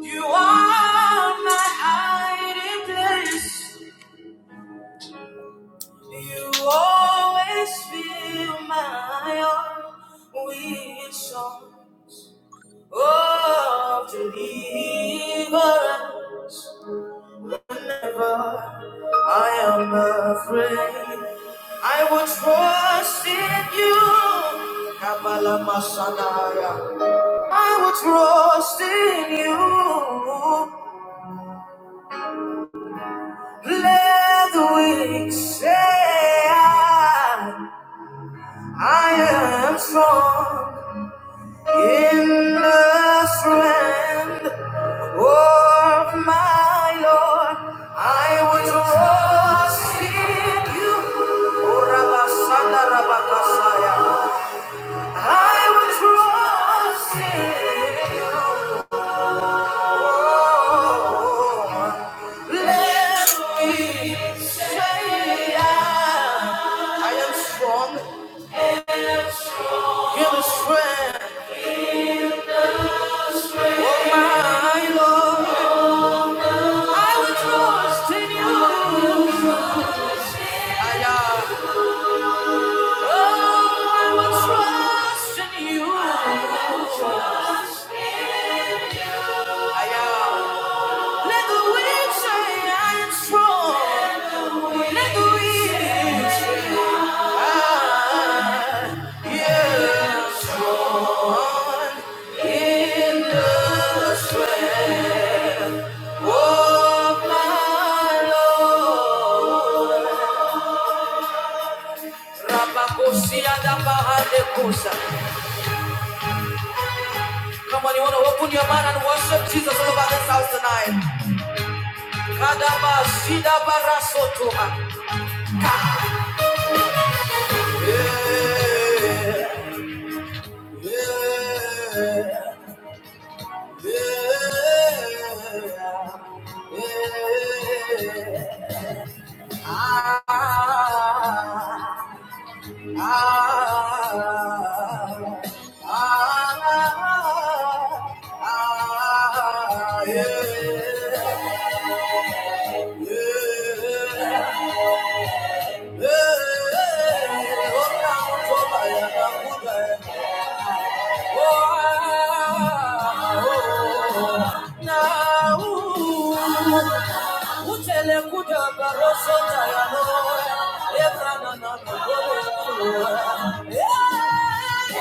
You are my hiding place. You always fill my heart with songs of deliverance. Whenever I am afraid, I will trust in you. Kabbalah Masanaya. I will trust in you. Let the weak say I, I am strong in the strength of my Lord. I will trust in you. O Rabasanda Rabakasaya. I will trust in you. Let me say I I am strong in the strength of my Lord. I will trust in you. I am. Oh, I will trust in you. I will trust. I am. Let the weak say I am strong. Let the weak. I, yeah. In the sweat of my Lord. Rabakosia da bahade kosa. Come on, you want to open your mouth and worship Jesus all over this house tonight. Kadaba sida barasotoha. Yeah, yeah, yeah, yeah. Ah. Yeah. Oh,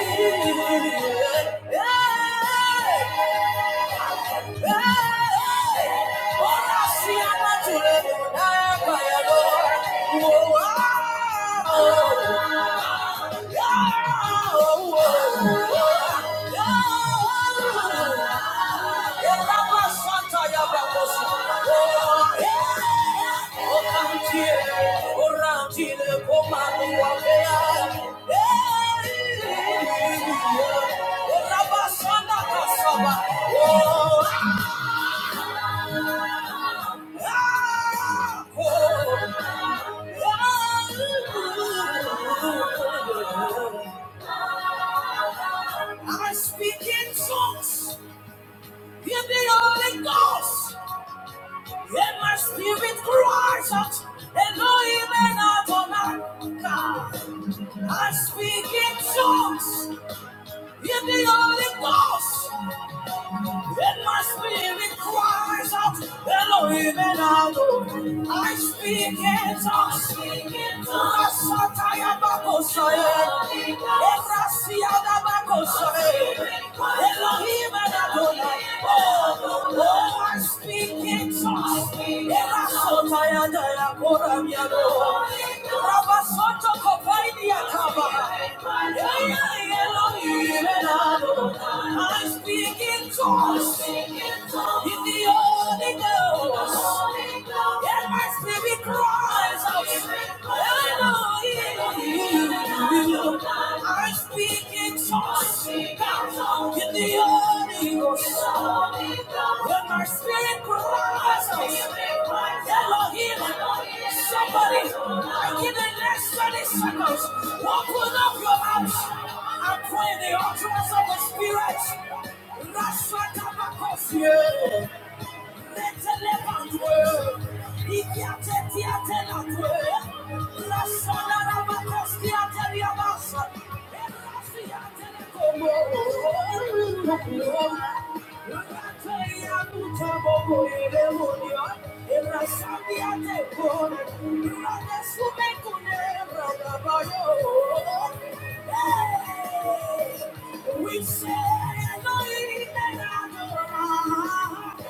I speak in tongues in the Holy Ghost, and my spirit cries out, Elohim and Adonai. I speak in tongues in the Holy Ghost. And my spirit cries out, Elohim and Adonai. I speak in tongues, speaking to us, Sataya Bakosaye, Ebrasia Bakosaye, Elohim and Adonai. Oh, oh, oh, I speak in tongues, Erasotaya da I speak in tongues in the Holy Ghost, and my spirit cries out, Hallelujah. I speak in the Holy Ghost, When my spirit cries out, Elohim, somebody, like in the next 30 seconds, open up your mouth and pray in the utterance of the Spirit. Rasha Tabakosia. Hey, We say, no,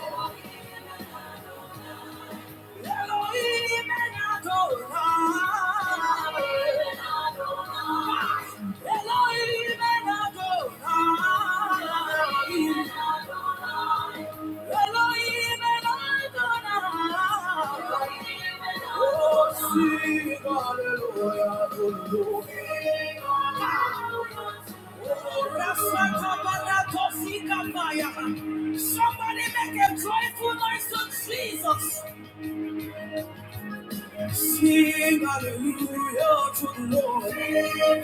Somebody make a joyful noise to Jesus. Sing hallelujah to the Lord. Sing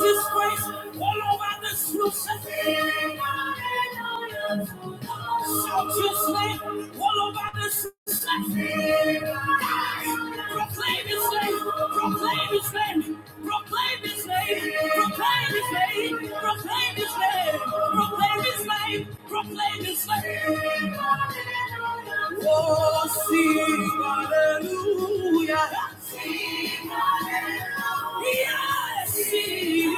His praise all over this room. Sing hallelujah to the Lord. Shout His name all over this room. Sing hallelujah. Proclaim His name. Proclaim His name. Proclaim His name. Proclaim His name. Proclaim His name. Proclaim His name. Proclaim His name. Oh, sing hallelujah. Sing Hallelujah Yes, sing.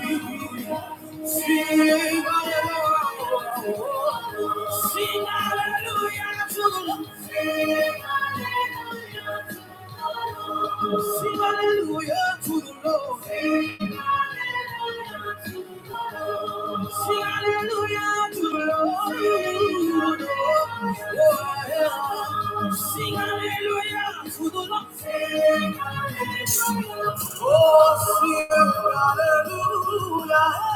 hallelujah. Sing hallelujah. Sing hallelujah to the Lord! Sing hallelujah to the Lord. Sing hallelujah to the Lord. Sing hallelujah to the Lord. Hallelujah to the Lord. Sing hallelujah to the Lord. Oh, sing hallelujah.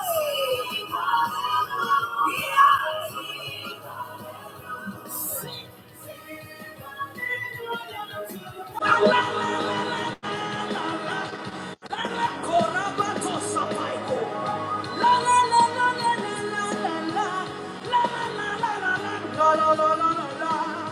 Yeah.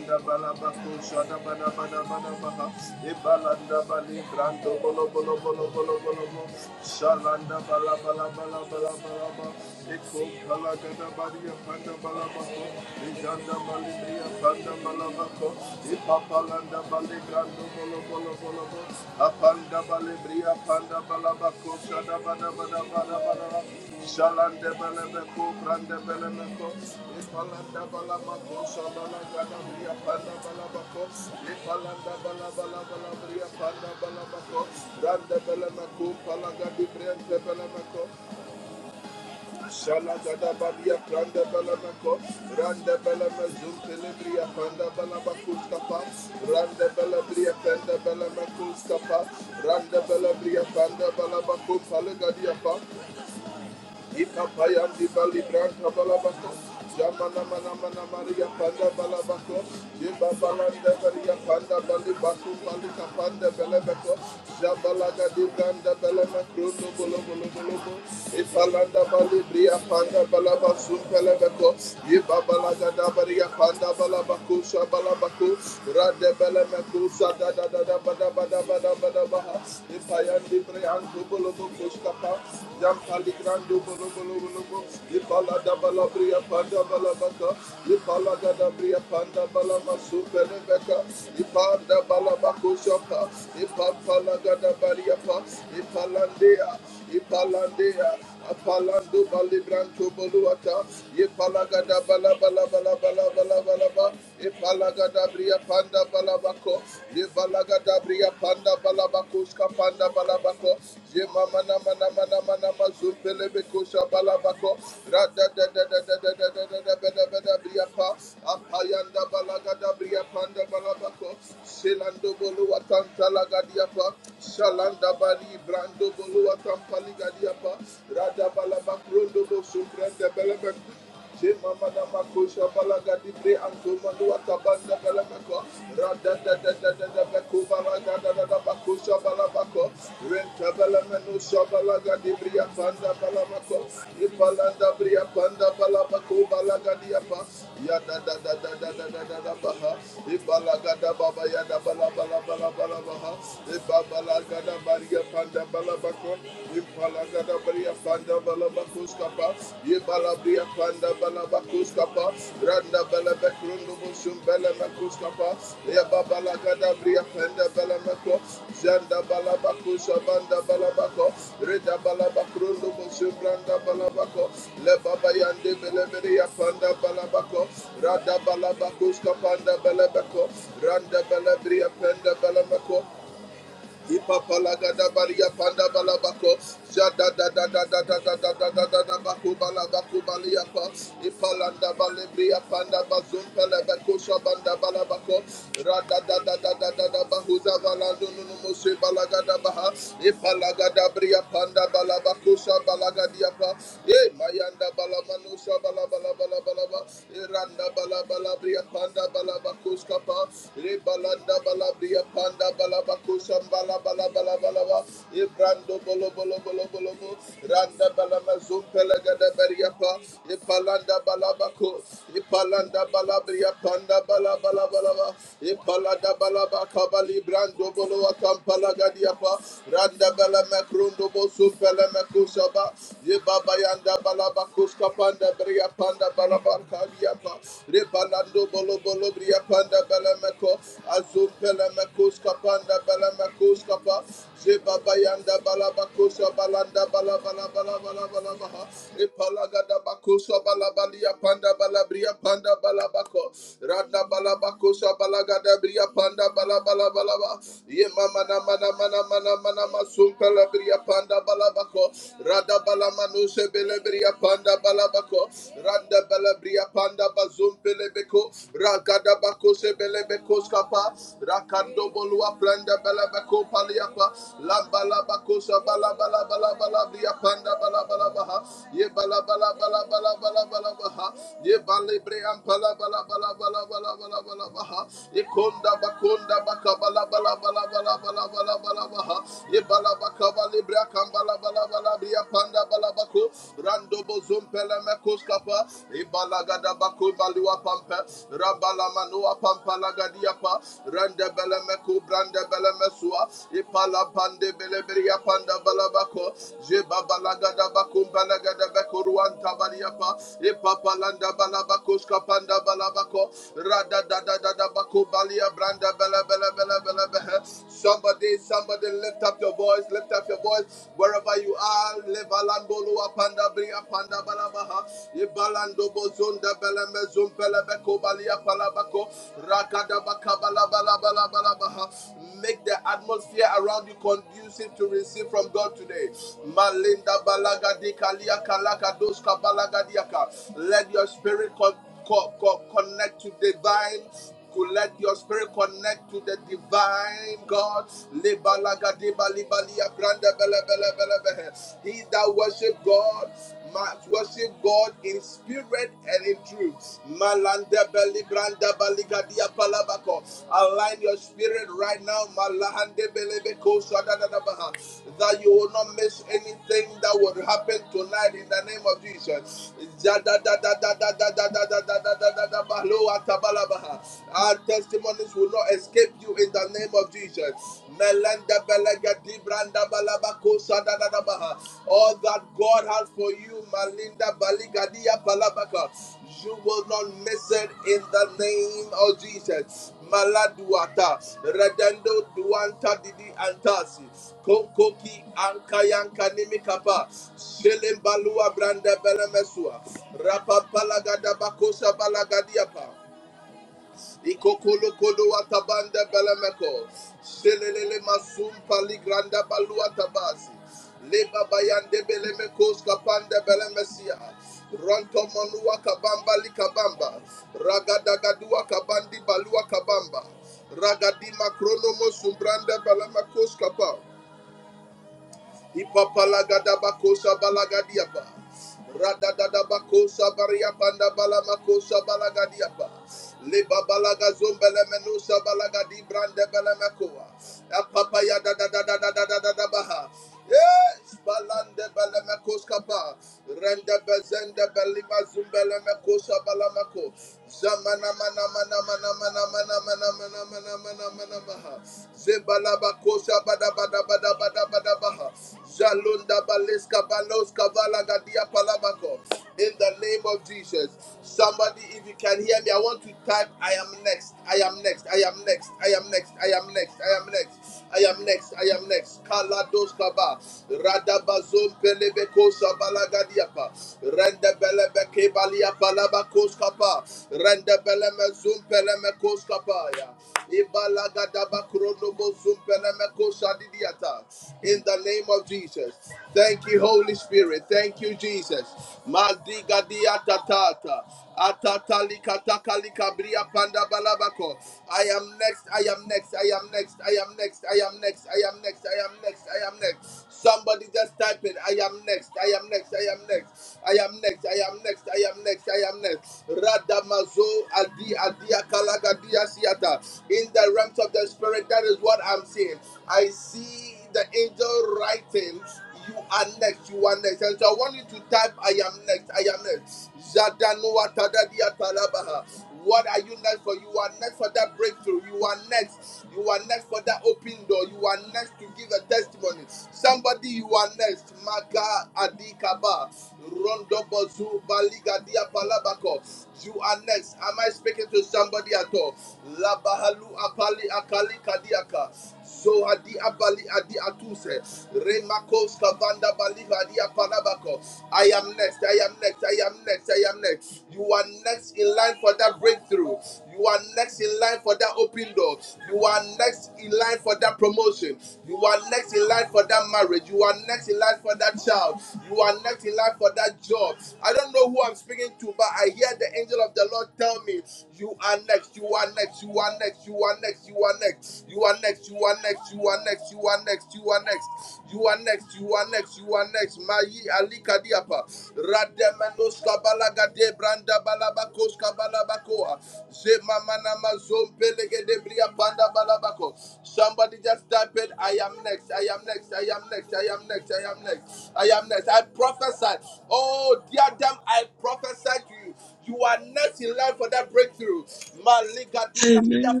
Amen. Amen,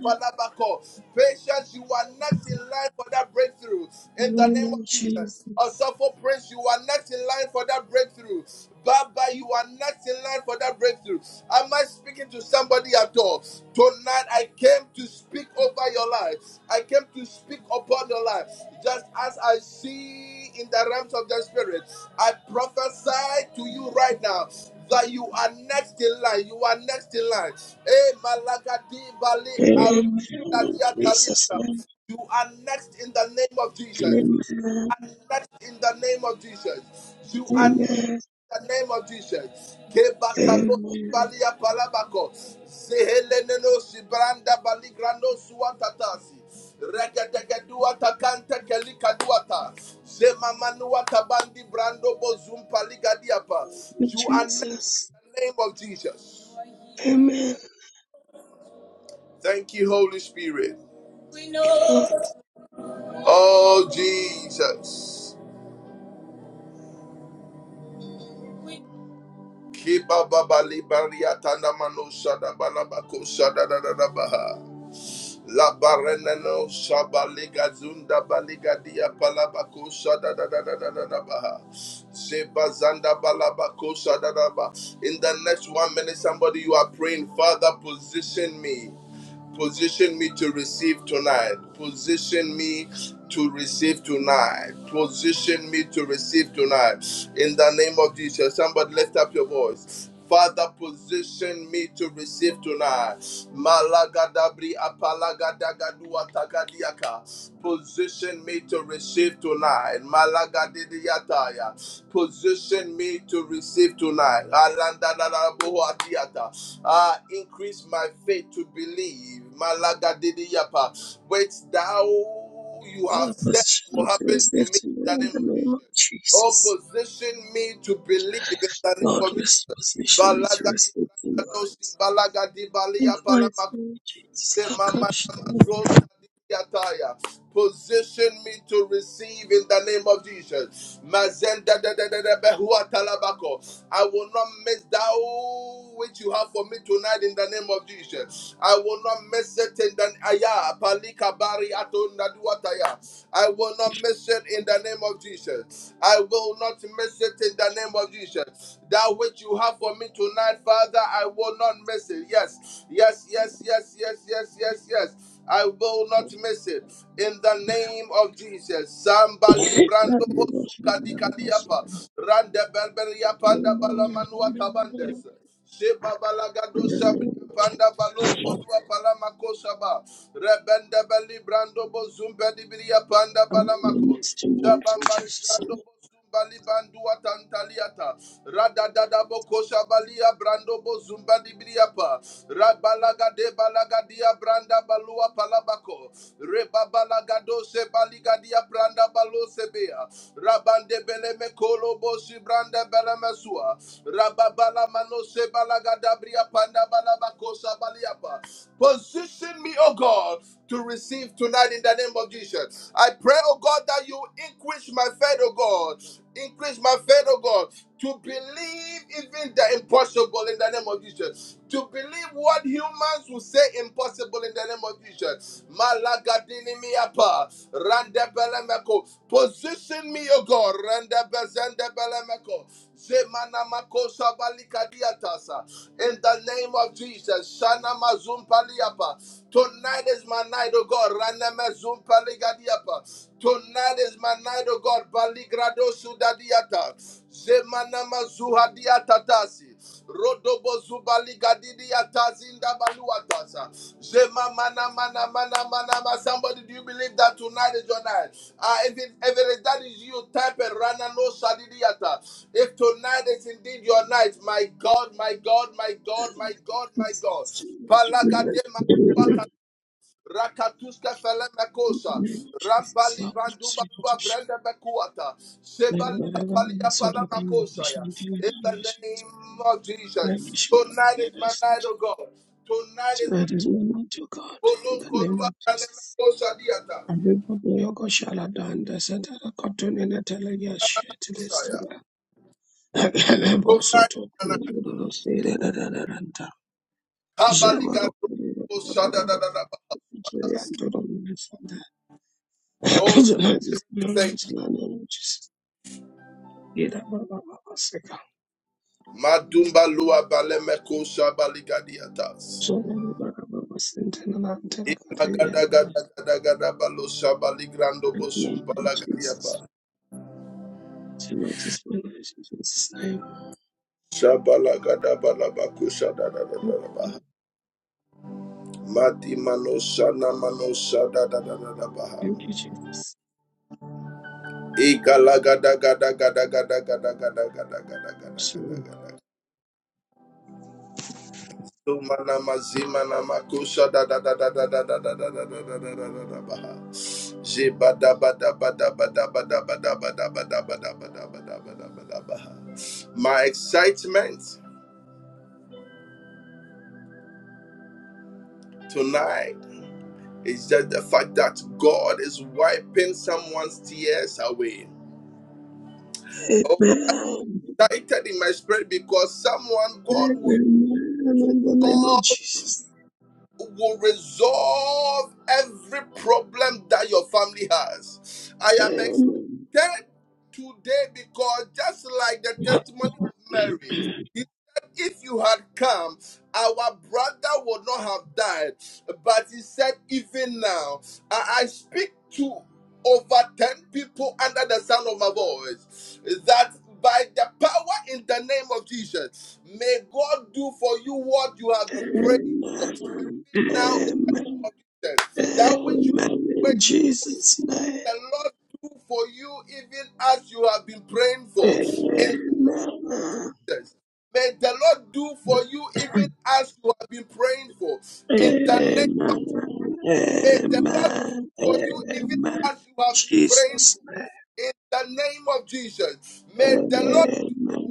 Lord Jesus. Amen, Lord Jesus. Amen. Amen. Amen. Amen. Lord Jesus. Amen. Lord, our position me to receive tonight in the name of Jesus. Lord, rest position me to receive tonight. In the mighty name of Jesus. Lord, come Lord, we Lord, I'm in the name of my Jesus. I'm in the name of Jesus. Lord, I'm want to show that whatever I'm so lucky you are wishing to do in the nations, that we should have that us. So it's very much better, so it's- so that is all not to God in the name of Jesus. And we put the yoke of Shalada and the center of cotton in the telegraph sheet to the stella. And also to the state of the Ranta. Jammer of the Jesus. So much is my life in Jesus' name. Thank you, Thank you, Jesus. So, amen. Amen. In the name of Jesus. Amen. Amen. Amen. Amen. In Jesus' name. Amen. Amen. Amen. Amen. Jesus' name. Amen.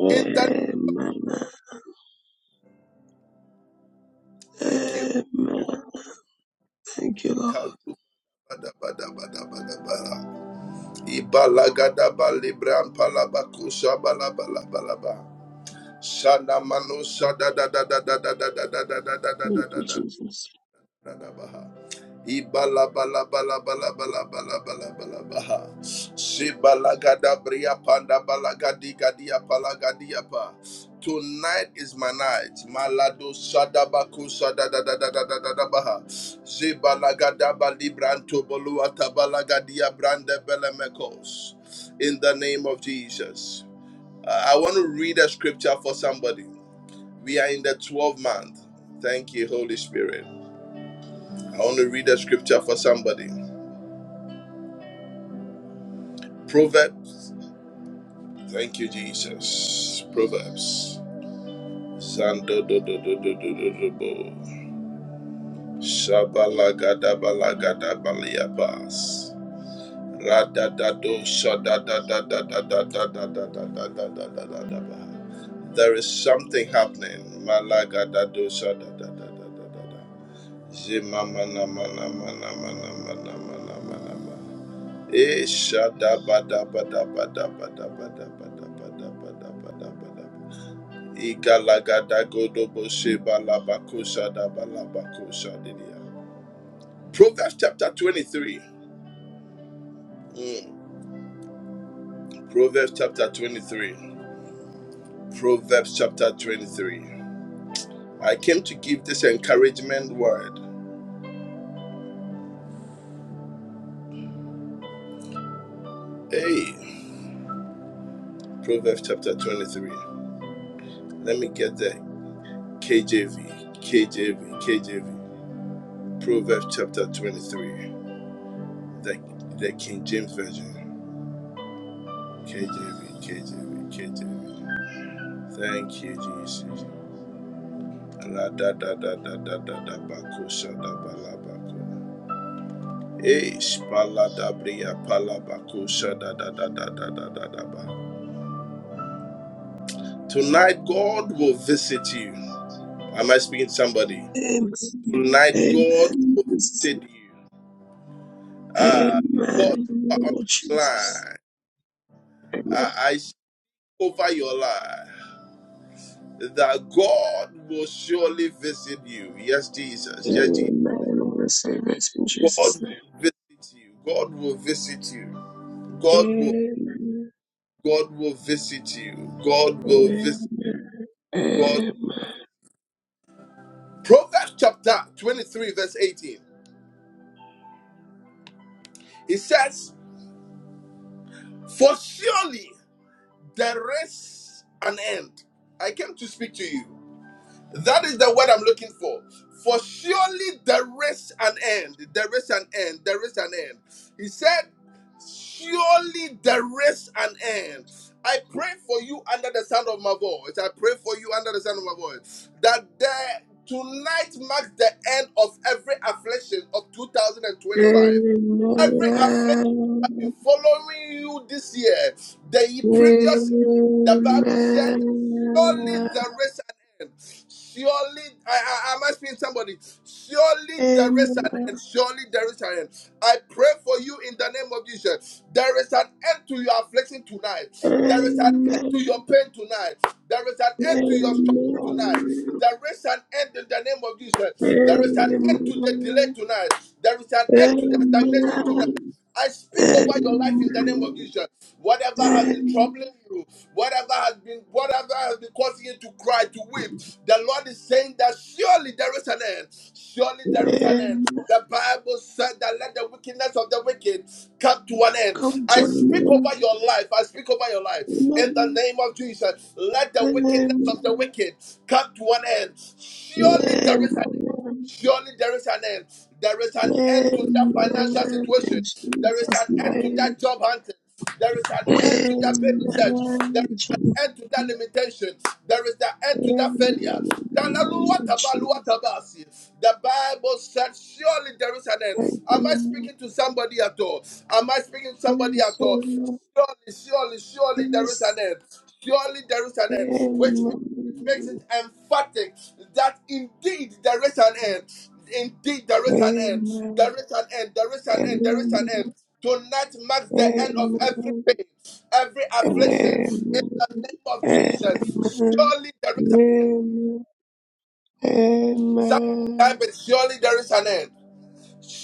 Amen. Amen. Thank you, Lord. Thank you, Jesus. Amen. Amen. Jesus. Amen. In the name of Jesus. Amen. Amen. I receive it in Jesus' name. Amen. Amen. Amen. Amen. Amen. Amen. Amen. Amen. Amen. Amen. Amen. Amen. Come join me. Amen. Amen. Amen. Amen. In Jesus' name. Amen. Jesus. In the name of Jesus. Thank you, Lord. Yes, Lord. Yes. Amen. Amen. Amen. Amen. Amen. Amen. Amen. Amen.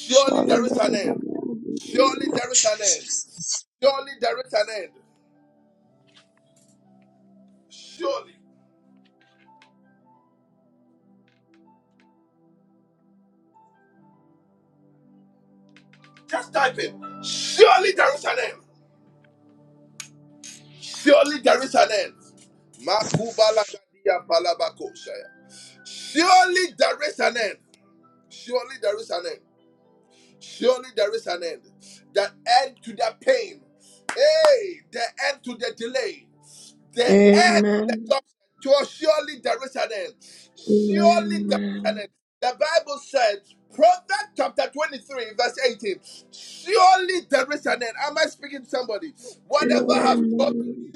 Surely there is a man in the name of Jesus. Amen. Amen. Amen.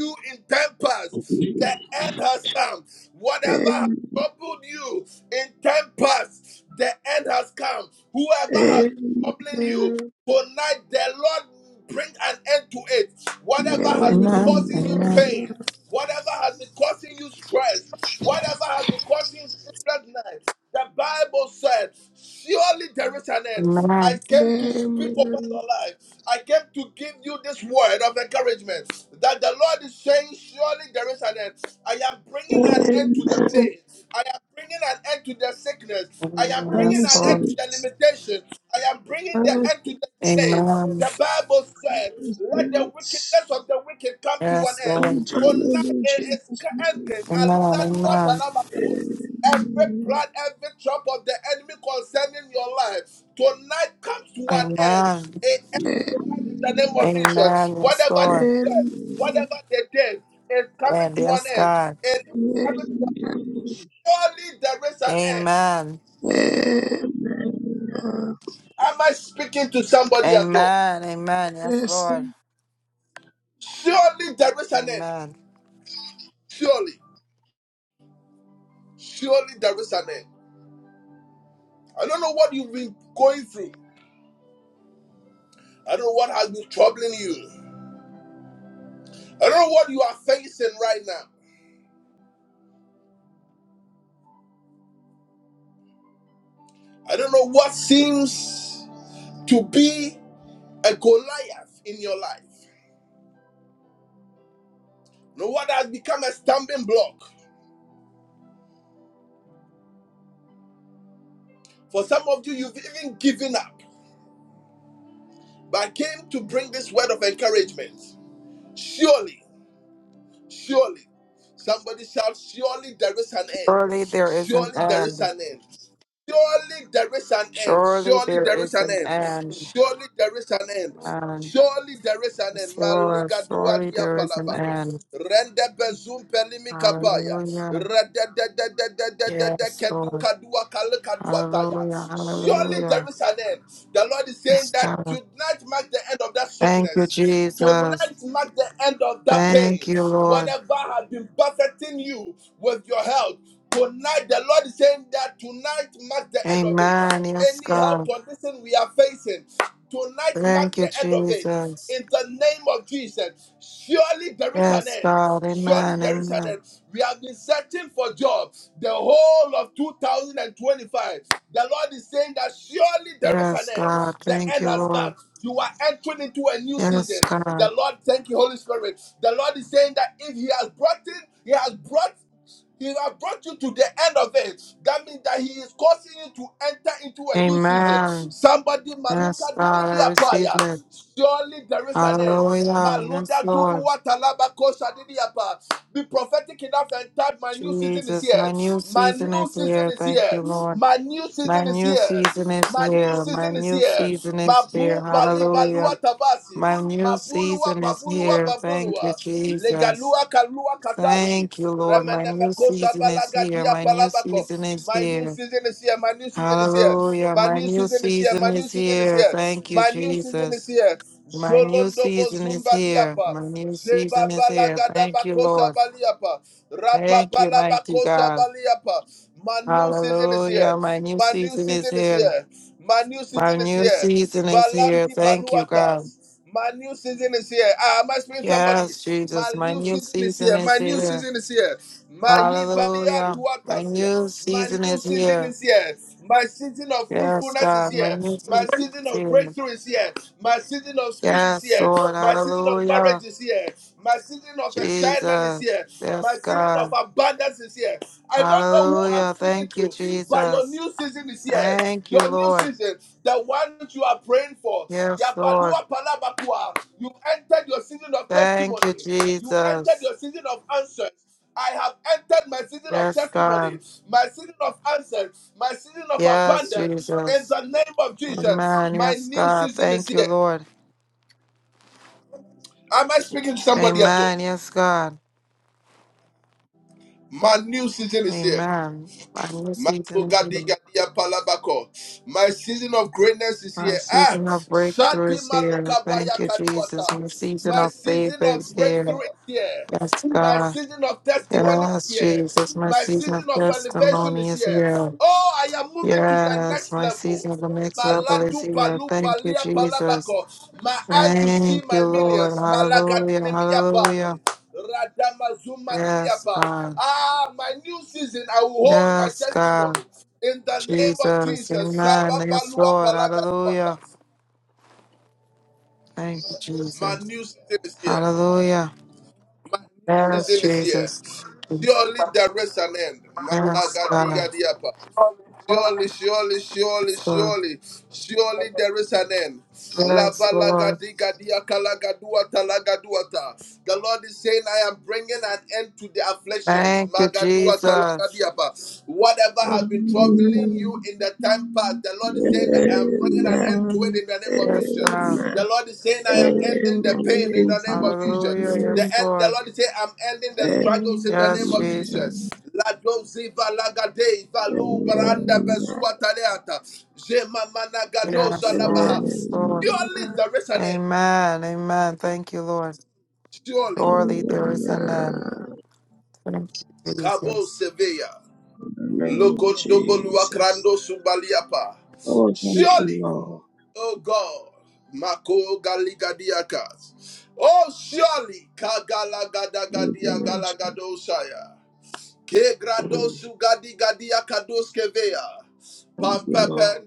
Amen. Come join Amen. Amen. Amen. Amen. Yes, Lord. Amen. Yes, Lord. me in Jesus' name. Amen. Amen. Amen. Amen. Amen. Yes, Lord. And yes, God. Amen. Amen. Amen. Amen. Amen. Amen. Yes, Yes. Lord. Amen. Surely there is an end. Surely there is an end. Amen. Yes, Lord. Surely there is an end. Hallelujah. Yes, Lord. Hallelujah. Hallelujah. Yes, God. Thank you, Jesus. Thank you, Lord. Amen. Yes, God. Thank you, Jesus. Yes, God. Amen. Amen. Yes, God. Thank you, Lord. Yes, God. Amen. Yes, God. I receive it. Hallelujah. Yes, Lord. Jesus, my new season is here. Thank you, Lord. My new season is here. My new season is here. Hallelujah. My new season is here. Thank you, Jesus. Thank you, Lord. My new season is here. My new season is here. Hallelujah. My new season is here. Thank you, Jesus. My new season is here. My new season is here. Thank you, Lord. Thank you, mighty God. Hallelujah. My new season is here. My new season is here. Thank you, God. Yes, Jesus. My new season is here. Hallelujah. My new season is here. Yes, God. My new season is here. Yes, Lord. Hallelujah. Jesus. Yes, God. Hallelujah. Thank you, Jesus. Thank you, Lord. Yes, Lord. Thank you, Jesus. Yes, God. Yes, Jesus. Amen. Yes, God. Thank you, Lord. Amen. Yes, God. Amen. My new season is here. Our season of breakthrough is here. Thank you, Jesus. My season of favor is here. Yes, God. Yes, Jesus. My season of testimony is here. Yes, my season of the next level is here. Thank you, Jesus. Thank you, Lord. Hallelujah. Hallelujah. Yes, God. Yes, God. Jesus. Amen. Yes, Lord. Hallelujah. Thank you, Jesus. Hallelujah. Yes, Jesus. Yes, God. Yes, Lord. Yes, Lord. Thank you, Jesus. Amen. Amen. Yes, God. Amen. Hallelujah. Yes, Lord. Yes, Jesus. Jesus. Yes, Lord. Yes, Lord. Amen. Amen. Thank you, Lord. Surely there is an end. Thank you, Jesus. Oh, thank you, Lord. Thank you, Lord Jesus. Mm. Thank you, Lord.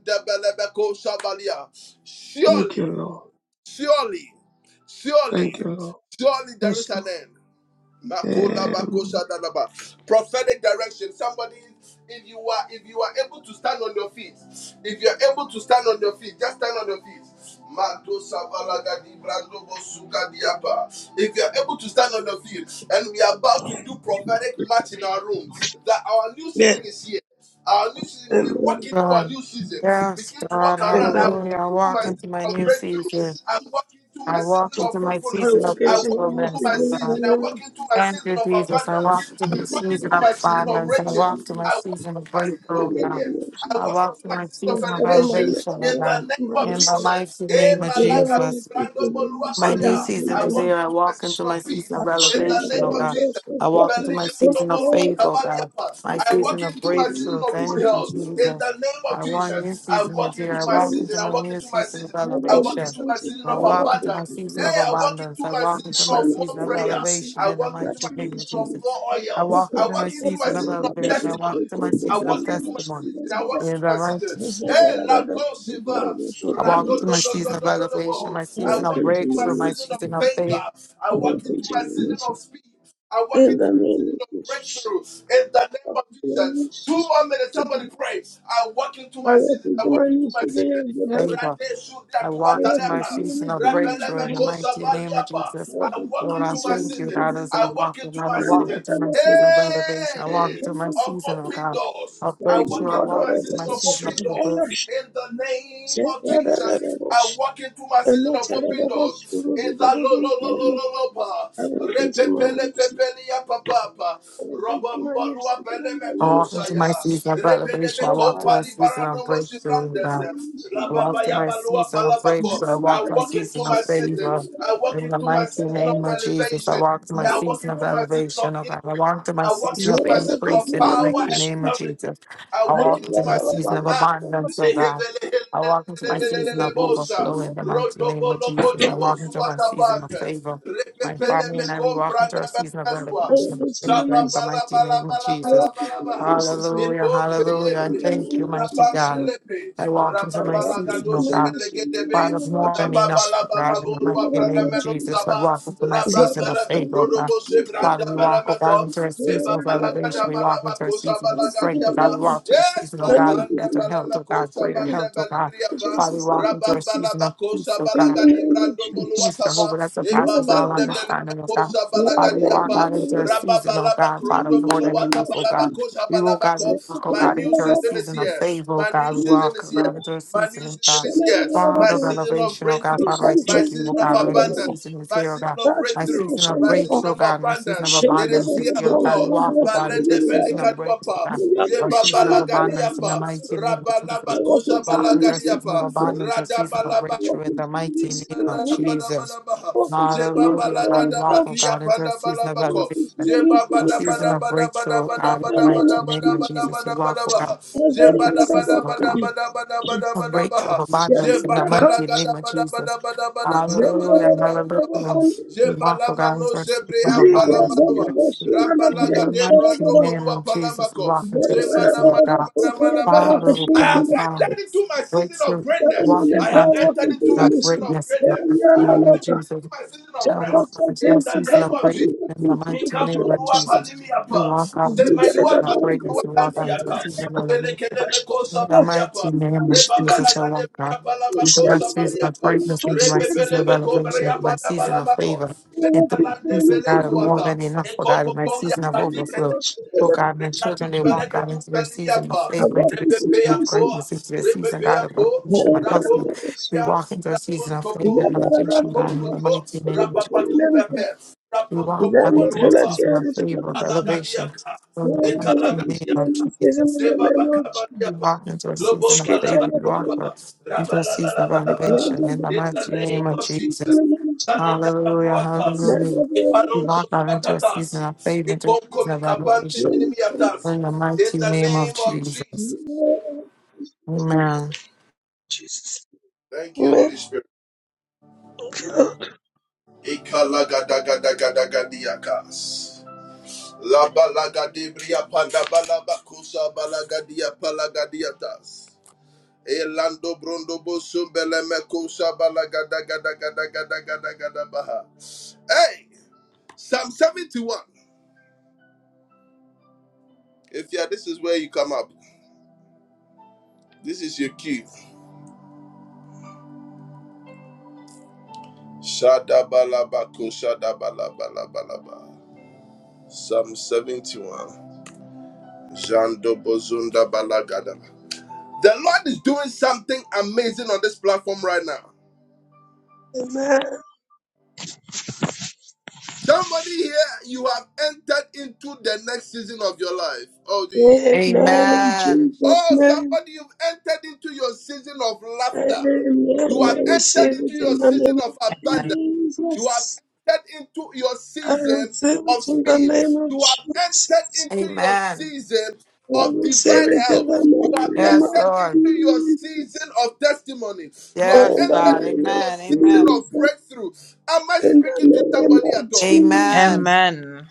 Thank you, Lord. Thank you, Lord. Yes, Lord. Amen. Yeah. Amen. God. Yes, God. Amen. Hallelujah. I walk into my new season. I walk into my I season walk of into your fruitfulness, in oh God. Thank you, Jesus. I walk through the the name season of of abundance. I walk to Jesus. my season of breakthrough, In oh the God. name of I Jesus walk to my season Christ, of at the moment elevation, I oh walk God. into my In the mercy. mighty name of You know, I walk Jesus. into my mercy My new in my season is here. I walk into relationship. my season I of share the elevation, oh God. revelation I of walk into the my first season of word. favor, oh God. My I walk season of into my breakthrough. mercy Thank you, in my Jesus. relationship. I want new I season is walk here. I into my walk into my mercy. new season of I will be elevation. something I I walk walk into my into season my of mercy. abundance. I I walk into my share the season of revelation elevation in the that mighty name I of share. Jesus. I Thank walk into my season of elevation. I walk into my season of testimony. you. In the mighty, In the name of Jesus, I walk into my I season of elevation, my season of reckon to breakthrough, my season of my youth today is good health. favor. I I walk into reckon my to your season youth of breakthrough in good the health. mighty name of I Jesus. reckon to your Lord, I youth thank you, good God, as health. I walk, and I And I walk into tell my you, season of finish it. elevation. I walk into my season, oh God, of breakthrough. I God, I walk reckon into my it's season good of health. Say, I reckon it's good health. And I tell you, I reckon it's good health. I reckon to But against the miners, in the I name of walk into my Jesus. season of elevation. I Oh, walk into Father, my season of breakthrough, oh we God. release in I the walk name through of my season of breakthrough. I Jesus. walk my season of favor. In the mighty name of Jesus, I walk through my season of elevation, oh God. I walk through my season of Zerada increase in the mighty Godmilovich, name of Jesus. I walk into my Ariana season of Babu, abundance, oh Pursuit, God. I walk into and my season the of release in overflow in the the mighty name of Jesus. I walk into my season of favor. My I love family and it's I, we walk released. into our season of I elevation, hope of it's favor in the released mighty name of Jesus. Hallelujah, hallelujah. And in the thank you, name of mighty God. I walk I into my hope it's season, oh God. released Father, more than enough, oh God, in the mighty name of Jesus. Jesus. I walk into my Jesus, season of faith, oh God. Father, we walk, oh God, into a season of elevation. We walk into a season of strength, oh God. We walk into a season, oh God, of better health, oh God, greater health, oh God. Father, we walk into a season of peace, oh you. God. He's Jehovah that surpasses all understanding, oh God. Father, we walk out into a season, oh God, Father, more than enough, oh God. We will, God, we walk, oh God, into a season of favor, oh God. We walk, oh God, into a season, oh God. Father of elevation, oh God, Father, I thank you, oh God, our new season is here, oh God. My season of breakthrough, oh God, my season of abundance is here, oh God. We walk, oh God, into a season of breakthrough, oh God. Thank Our season of abundance in the mighty name of Jesus. Walk into a season of abundance, a season of breakthrough in the mighty name of Jesus. Hallelujah, God. We walk, oh God, into a season of elevation, a season of breakthrough, oh God, in the mighty name of Jesus. We walk, oh God, into a season, oh God of breaks of abundance in the mighty name of Jesus. Hallelujah, hallelujah. We mark the for a season of abundance and breakthrough. In the mighty name of Jesus, we walk into a season of God. Father, oh God, Father, breakthrough, walking into a season of greatness in the mighty name of you. Jesus. I walk out Thank into a season of greatness in the mighty name of Jesus. We walk out into a season of greatness. We walk out into a season of elevation. In the mighty name of Jesus, I walk out into my season of greatness, into my season of elevation, into my season of favor, into my season, God, of more than enough for God, in my season of overflow. Oh God, my children, they walk out into their season of favor, into their season of greatness, into their season, God, of elevation. My husband, we walk into a season of faith and elevation, God, in the mighty name of Jesus. We walk right into a season of favor, of elevation, in the mighty name of Jesus. We you. walk into a season of favor. We walk Shketelepro, into a season of Jesus. elevation, in the mighty Amen. name of Amen. Jesus. Hallelujah, hallelujah. We Amen. walk out into a season of favor, into a season of elevation, In in the mighty name of Jesus. Amen. Jesus' name. Amen. Amen. I receive it in the name of Amen. Jesus. I receive it in the name of Jesus. Amen. I receive it in the name Yes, of Lord. Jesus. Yes, In the God. name of Amen. Amen. Jesus. In the name of Amen. Jesus, Amen.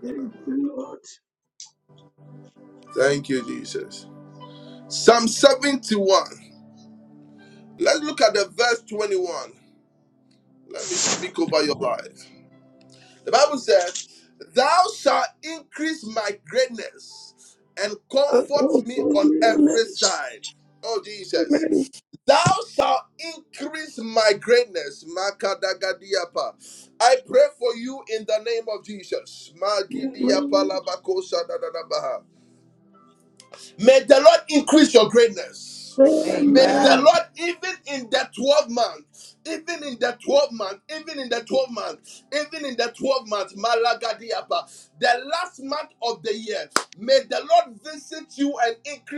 thank you, Lord. I call for healings. Amen. Amen. Amen. Amen.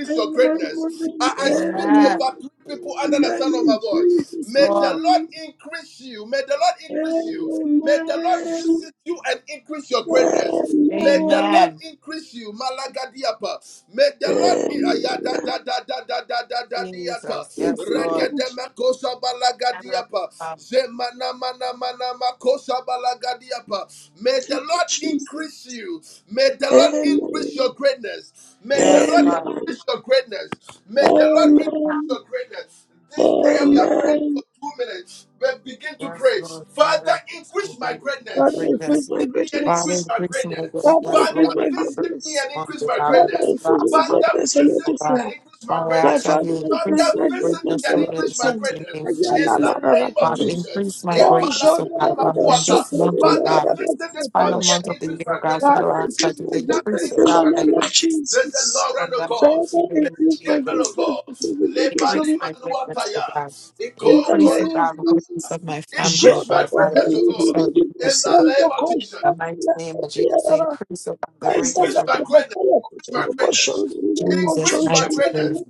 Amen. Amen. Amen. Amen. In Yes, Jesus' Lord. name. Amen. Amen. Amen. Amen. Jesus. Thank Yes, you, Lord. Lord. Yes, God. Thank you, Jesus. Amen. Yes, God. Amen. Amen. Amen. Yes, Lord, Father, increase my great- the Father, greatness. increase my Father, greatness. increase my Father, greatness, increase Lord, my Father, in this greatness. month as I Father, release the increase my last month of greatness the in year, oh every God. side. Father, I My ask that father, you increase increase my my greatness greatness, in Lord, in every the side. mighty name of Again, I'm Jesus. not a rapper. Father, increase my Oh, greatness, oh Jordan, I'm God. Father, not a in super. this month, oh I'm God, not it's it's a final month of the year, oh God. Father, Father, I ask that increase you my increase, greatness oh in the God, my name of greatness, Jesus. Lord, in the mighty Father, name of increase my Jesus. greatness to the greatness of Increase my greatness, O God. in the Increase, O name of God, the greatness Jesus. of my family, O Jordan, God. I'm not Father, increase a our greatness, super. Lord. I'm In the not mighty name of Jesus, increase, O God, the greatness of Azagatabakaya God. kutelobashondinda Jesus' mighty kochonchomara. name.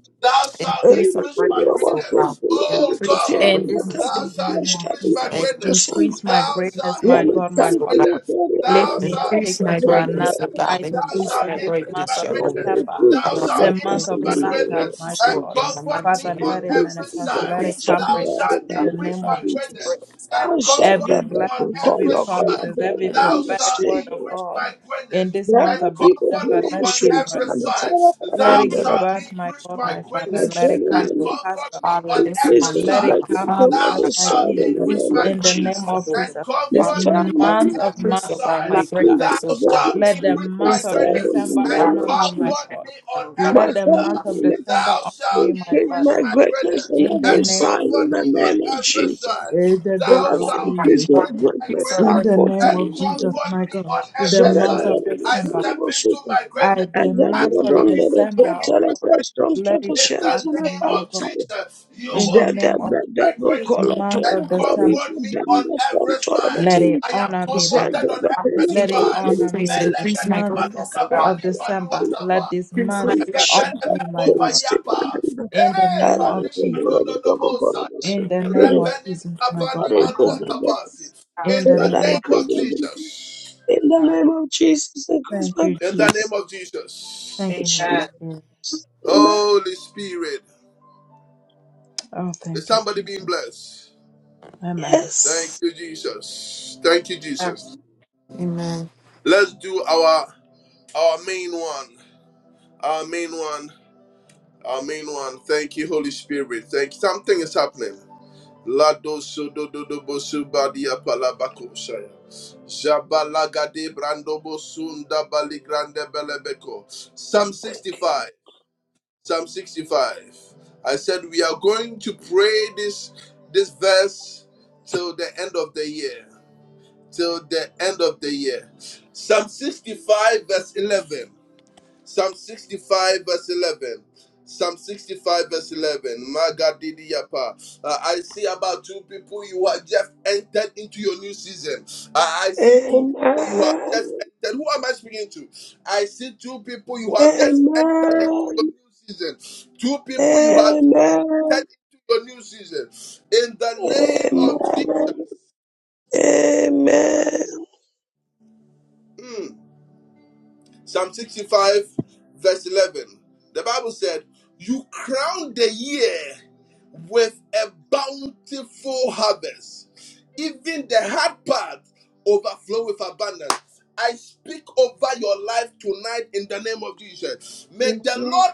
Increase our greatness, O God. Increase our Eribebebeabasongelobaloteteana And this greatness, O in the name of batafukulashtabile God. Jesus. kutosan. Increase my greatness, my God, my Father. Amen. Lift me and Increase take me my to greatness, O another God. height of God Increase in my Lametsankulofearererererasabebebebashatalabaka. this greatness, month of Father, Jehovah. December, increase the Abba, the I greatness month in of the increase my name laughter, of my greatness, Lord, God. Jesus. in the mighty Father, name let of it Increase Jesus. the manifest, let it greatness Increase of my come to God greatness, pass in O in the the God. name of name of Increase the Jesus. Jesus. greatness, I God, of my shall Every that children. but we God. blessing, call every your call promises, upon every the prophetic word stranger. of God in this That's month what of people do December, on the let it give streets birth. and on the top of Let it them that give I birth, my God, Father, my Father. my increase my Let it family greatness, come to member. Lord. pass, Baba. Father, in this Please month, O don't Let it God, break me come Father, to the pass other God, by side in the Jesus increase my name of in the name greatness, of Jesus. Jehovah. Jesus. No This Father, time God, in my God, to month of life. increase, month, O God, my laughter. Please greatness, O don't break God. me Let the the other month Increase of the side in the greatness, O December God, name honor of me, Father, my Jesus. God. and O God. My Let the family month of member, December honor me, my increase my Father. greatness on In the every name, side in the name of Jesus. in the name of Father, increase Jesus. my Increase greatness. I In the call name of Jesus, upon my God. The month of December. you. I, Is the month of December, oh God. Let it bow unto me, oh God. In the that name that of that that we this call a month tolo of cori December. for them the storm tolo the Let tea? it honor me, Is that Baba. the vacuum Let it Compensation it honor increase, me. The increase my month greatness, oh God. of December. is Let this Increase my month the shut greatness. honor up me, my the God. stick or the In the other name of door Jesus. of the double gorillas? In the name of Jesus, my God, But my it oh could Father. be better. In the name Paradise of could be better. In the God. name of Jesus, increase thank my you, Jesus. goodness. Thank you, Holy Amen. Spirit. Amen. Oh, thank you, Jesus. Amen. Yes. Amen. Amen. Amen. Amen. Amen. Amen. Yes, Lord.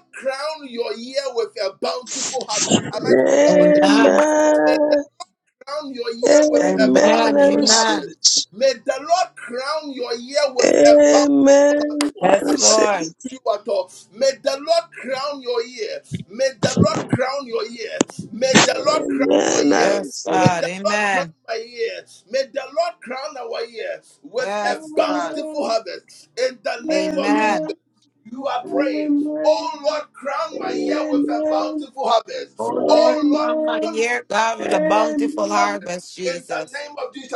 Amen. Amen. Amen. Amen. I receive Amen. it. Amen. I Yes, receive Lord. it. Amen. I Yes, receive it. God. Amen. Yes, God. Amen. Amen. Amen. Amen. Amen. Oh Lord, crown my Amen. year, God, with a bountiful Amen. harvest, Jesus.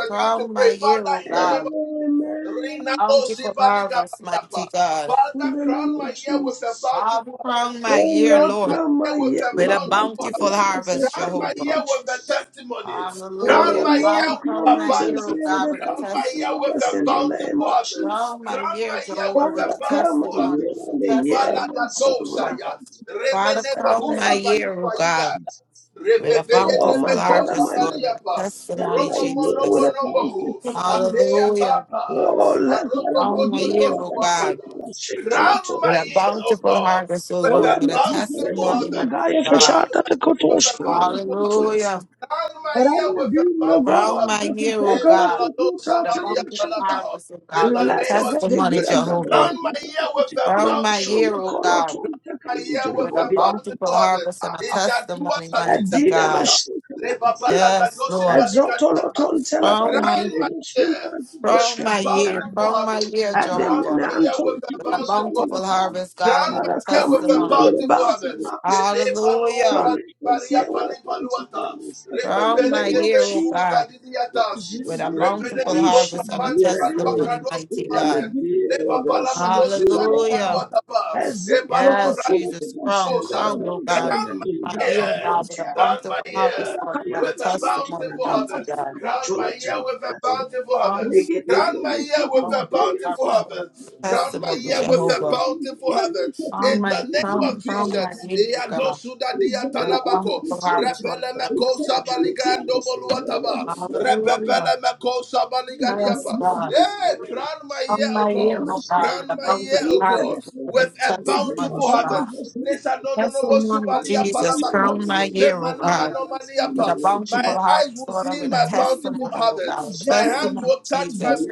Crown my year, oh God. Amen. Bountiful harvest, mighty God. In the name of Jesus. Father, crown my Oh year, Lord, Lord, come my yet with with a a power to bountiful fill out myself harvest, right in the name Jehovah. of Jesus. Oh Hallelujah. Father, Lord, come crown my myself year, oh here with God, a with a power to fill testimony. out myself Lord. in the name of Jesus. Crown my year, Jehovah, with a Father, come my testimony. year With and a the year testimony, my oh son with a God. power to fill out Father, myself crown right my in the year, oh name of God, Jesus. with a Oh my bountiful father, harvest, my Lord, man, with a come testimony, my year with Jesus. a power to fill out myself. Hallelujah. Oh, la cara va a Crown my durar year, la oh God, pancita, la scelta, la with a torta, bountiful harvest, oh Ola Lord, with a testimony, medina mighty gaya God. fashata te kotosh kana Hallelujah. vanchulasa. Aram medina gona Throughout my te year, oh kakala te God, kuta the te bountiful shanta. harvest, oh God, with a Ilaka gade testimony, gira gade Jehovah. Throughout my year, oh God, with a bountiful harvest and a testimony, mighty God. Yes, Lord. Throughout my throughout my ya year, throughout my year, Ademne ne Jehovah, antoni with a kibir salim bountiful efendim. harvest, God, and with a Mara kraman testimony. Hallelujah. Come against the weapons of blindness in Throughout the my name of year, oh Jesus. God, with a bountiful harvest and a testimony, mighty God. Hallelujah. As the Yes, opportunity Jesus, comes, strong, Lord, strong, oh I'm God. telling you, My ear, God, with God, a bountiful it's harvest, Lord, I'm with a testimony, mighty God. On my ear, with a bountiful harvest, Lord, I'm with a testimony, Jehovah. On my crown, crown, my ear, oh God, with a bountiful harvest, Lord, I'm with a testimony. century to understand what Hallelujah. very Yes, God. On my ear, oh God, with a bountiful harvest, Lord, with a testimony, God. Testimony, Jesus, crown my ear, oh God. with a bountiful harvest, Lord, and with a testimony, oh God, a testimony, Jesus.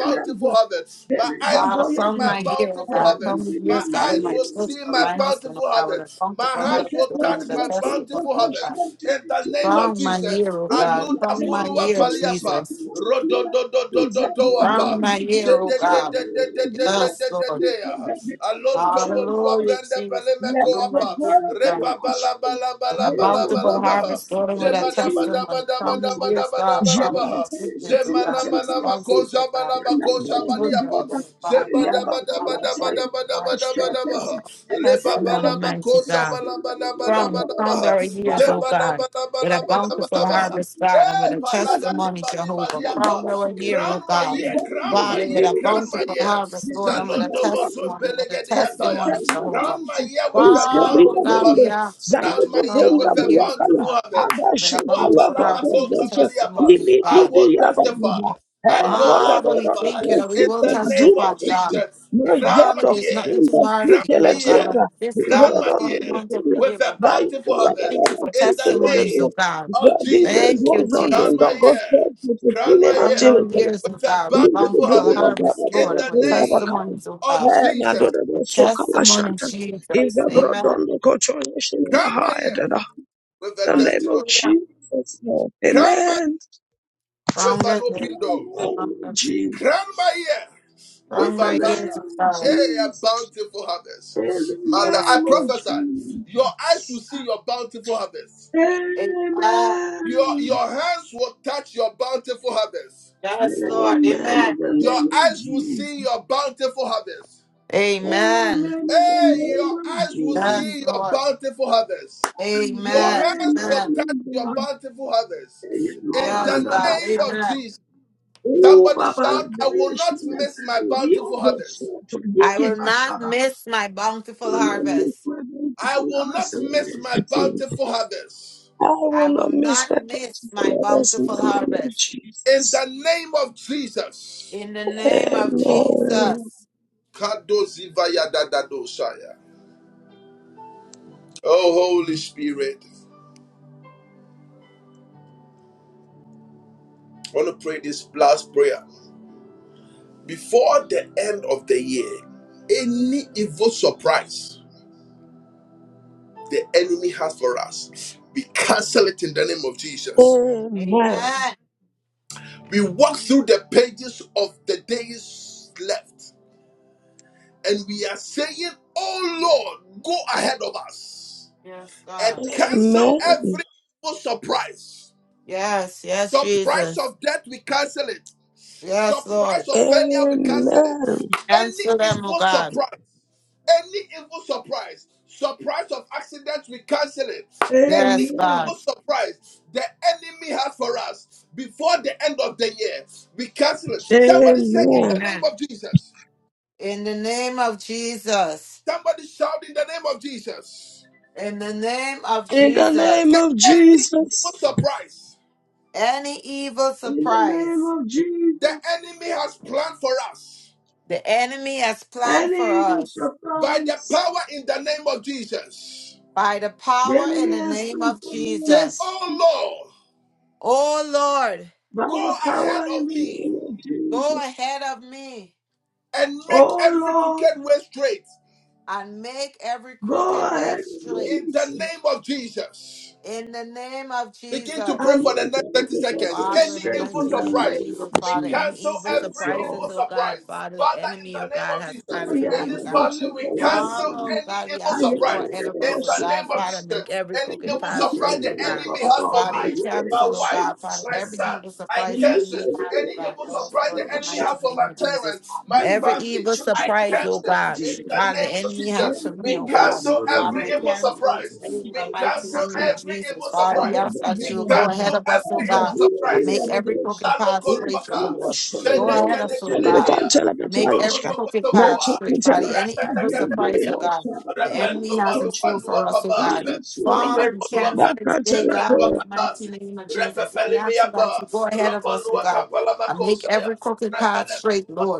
Father, from my ear, oh God, from the ears, God, of my children, of good. my husband, oh God, with a bountiful Make a harvest, Lord, and with a table, sweet testimony, oh proportion God. to the From tea. my ear, oh We God, can from tell my the ear, generation to Jesus. the fear. Example, we From my ear, oh can tell God. the fear. Yes, Lord. We can get the Pia. Hallelujah, Jesus. I'm not From my going to ear, oh go God. to the hospital. with I'm a not bountiful going harvest, to Lord, and with a go to testimony. Come the years, God, Father, my the siblings, oh God, doctor. their I'm spouses, oh God, not their going to children, go to Lord, Father, the come to Father, a hospital. bountiful harvest, Lord, I'm not testimony, going to go to the doctor. I'm not going to go to the hospital. I'm not going mighty God. to go to From from their the years, doctor. oh God, with a Thank bountiful harvest, God, and with a testimony, Jehovah. Crown our year, oh God. Father, with a bountiful harvest, Lord, and with a testimony, with a testimony, Jehovah. Father, oh God, we ask, oh God, you crown our years, oh God, with a bountiful harvest, and with a testimony, oh God. Father, we thank you that we will testify, God. Father, there's nothing too hard for you, oh God. On this, God, the 12 months of the year, oh God. We thank you for testimonies, oh you. God. Vadimu Thank you, vozondonga Jesus. gospel tutine netiri Congo years, palapo. oh God, with Inde bountiful kudodi na baba harvest, Lord, baba and with bunda bakaya. testimonies, oh God. Eh, na dode do With soka la testimony, shanta. Iza Jesus. Amen. brodondo kocho yeshini mahaya dada. The name of Hallelujah. Jesus, Lord. Amen. Stronger, In the name of Jesus. In the stronger years, oh name of God. Jesus. In Yes, the name Lord. of Jesus. Amen. Amen. Amen. Yes, Lord. Amen. In the name of Jesus. And Amen. in the name of Yes, Lord. Jesus. And Amen. in the Amen. name of Yes, God. Jesus. Amen. Oh, Baba, la bella scena io do sotto di I che will I not miss my bountiful Will harvest. I will not miss not my miss my beautiful lovers in bountiful the name of harvest. Jesus. In the name I of will not Jesus. miss my Amen. Yes, God. beautiful lovers in the name of Jesus. Amen. Amen. Yes, yes, Jesus. Yes, Lord. Amen. Answer them, oh God. Yes, God. Amen. Amen. Amen. Amen. In the name of Jesus. In the name of In the name Jesus. of Jesus. Any evil In the name surprise of Jesus. The enemy has planned for Any evil us surprise. by the The power in enemy the has name come of for me, Jesus. miss, Oh Lord, by the power in the name of go Jesus. ahead of me Oh Lord, and make every go crooked way ahead and straight release it. in the name of Jesus. I'm making it perfect Father, in the straight in mighty the name of name of Jesus, Father, any Jesus. evil Yes, surprises, Lord. oh God, Father, the enemy, oh God, has Oh planned for yeah, me, I'm oh God. about to go Father, in. oh God, we ask I am that you go ahead ready of us, about oh to go. ahead God, and Father, release make every it. I crooked am path straight, oh ready God. about to go. Father, we ahead and cancel, oh God, Father, release every it. evil surprise the And we know enemy has, you oh God, ain't got for us, some Lord, sort in of the shut mighty up. name of Jesus. You Every love the evil church of surprise, oh Jesus. God, Father, the Jesus. enemy Yeah, has for you me, go oh go God. and really Father, I do this. You cancel it bring today them to in the mighty God. name Nakaya. of Jesus. I Father, don't we ask know, that get you will them go do ahead God. of us, I oh got God. you, I I really make have a every blessing. crooked path straight, Yes, you know, Jehovah. son of Go a gun, ahead, us, just oh tell me the God. gun, tell me I the make fire, every sky. crooked Not path your straight, patella. Body. Any I evil didn't get surprise, it oh all, God, so I'm the not going enemy to has in touch store you. for us, oh God. Father, we cancel That it can't tell today, God, in me. the mighty name of Jesus. We ask you, God, to go ahead of us, oh God. I make every crooked path straight, Lord.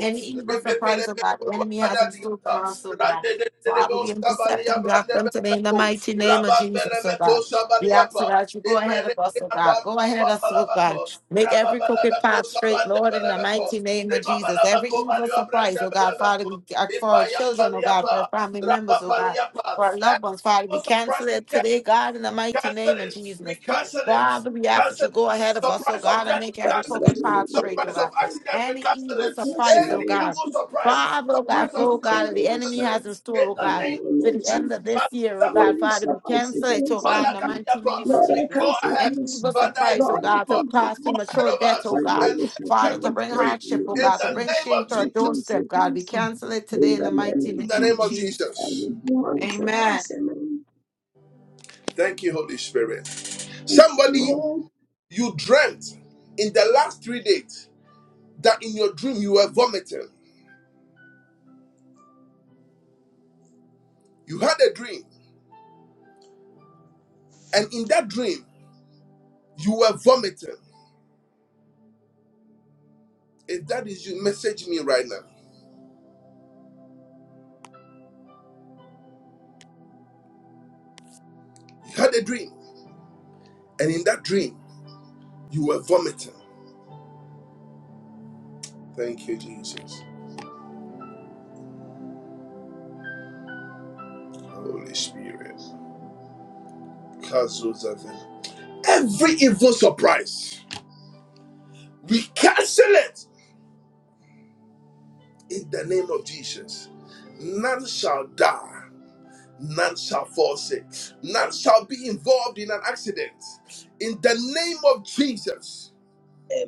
Any evil surprise of God, the enemy has in store for us, oh God. Father, we intercept and block them today in the mighty name of Jesus, oh God. We ask, so that you go ahead of us, oh God. Go ahead of us, oh God. Make every crooked path straight, Lord, in the mighty name of Jesus. Every evil surprise, oh God, Father, we ask for our children, oh God, for our family members, oh God, for our loved ones, Father, we cancel it today, God, in the mighty name of Jesus. Father, we ask that you go ahead of us, oh God, and make That every can't crooked tell path straight, oh God me. any evil surprise, oh God. Father, oh God, for oh God, that the enemy has in store, oh God, by Lord the end of Jesus, this year, oh God, we Father, we sacrifice cancel this it, on oh God, in the suffering. mighty name of Lord, I Jesus. can't take Any mercy. evil surprise, oh Lord, God, I to can't take cause mercy. premature death, oh My God, name is Father, to happiness, bring thank hardship, oh you, God, to mercy. bring shame to I our can't doorstep, take God, we mercy. cancel it today In in the the mighty name of name of Jesus, I Jesus. will go and Amen. sacrifice him. Thank you, Amen. Lord.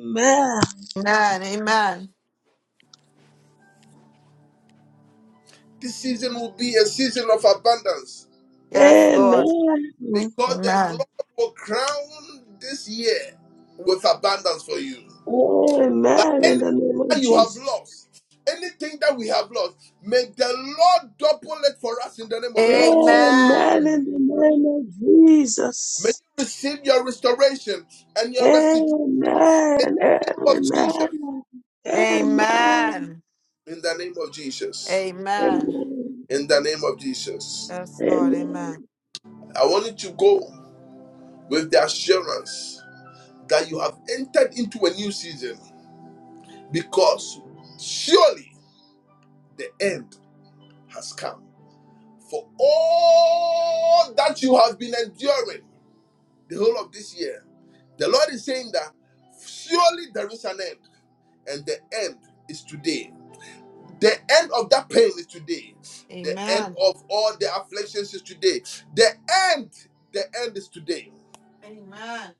Amen. Amen. Yes, Lord. Amen. Amen. Amen. In the name of Jesus. Amen Amen. in the name of Jesus. Amen. Amen. Amen. Amen. Amen. Amen. Amen. Yes, Lord. Amen. Amen. Amen.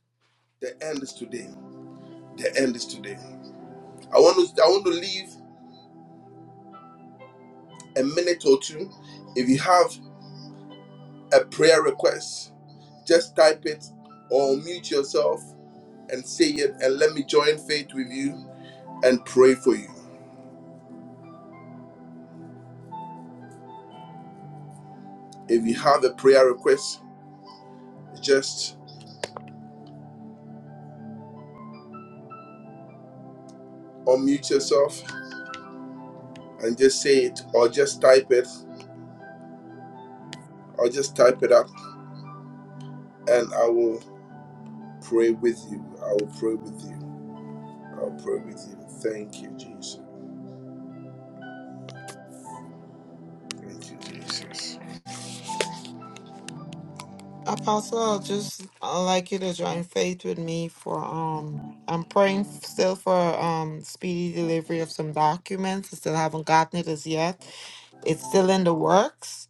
Apostle, I'd just like you to join faith with me for um I'm praying still for um speedy delivery of some documents. I still haven't gotten it as yet. It's still in the works,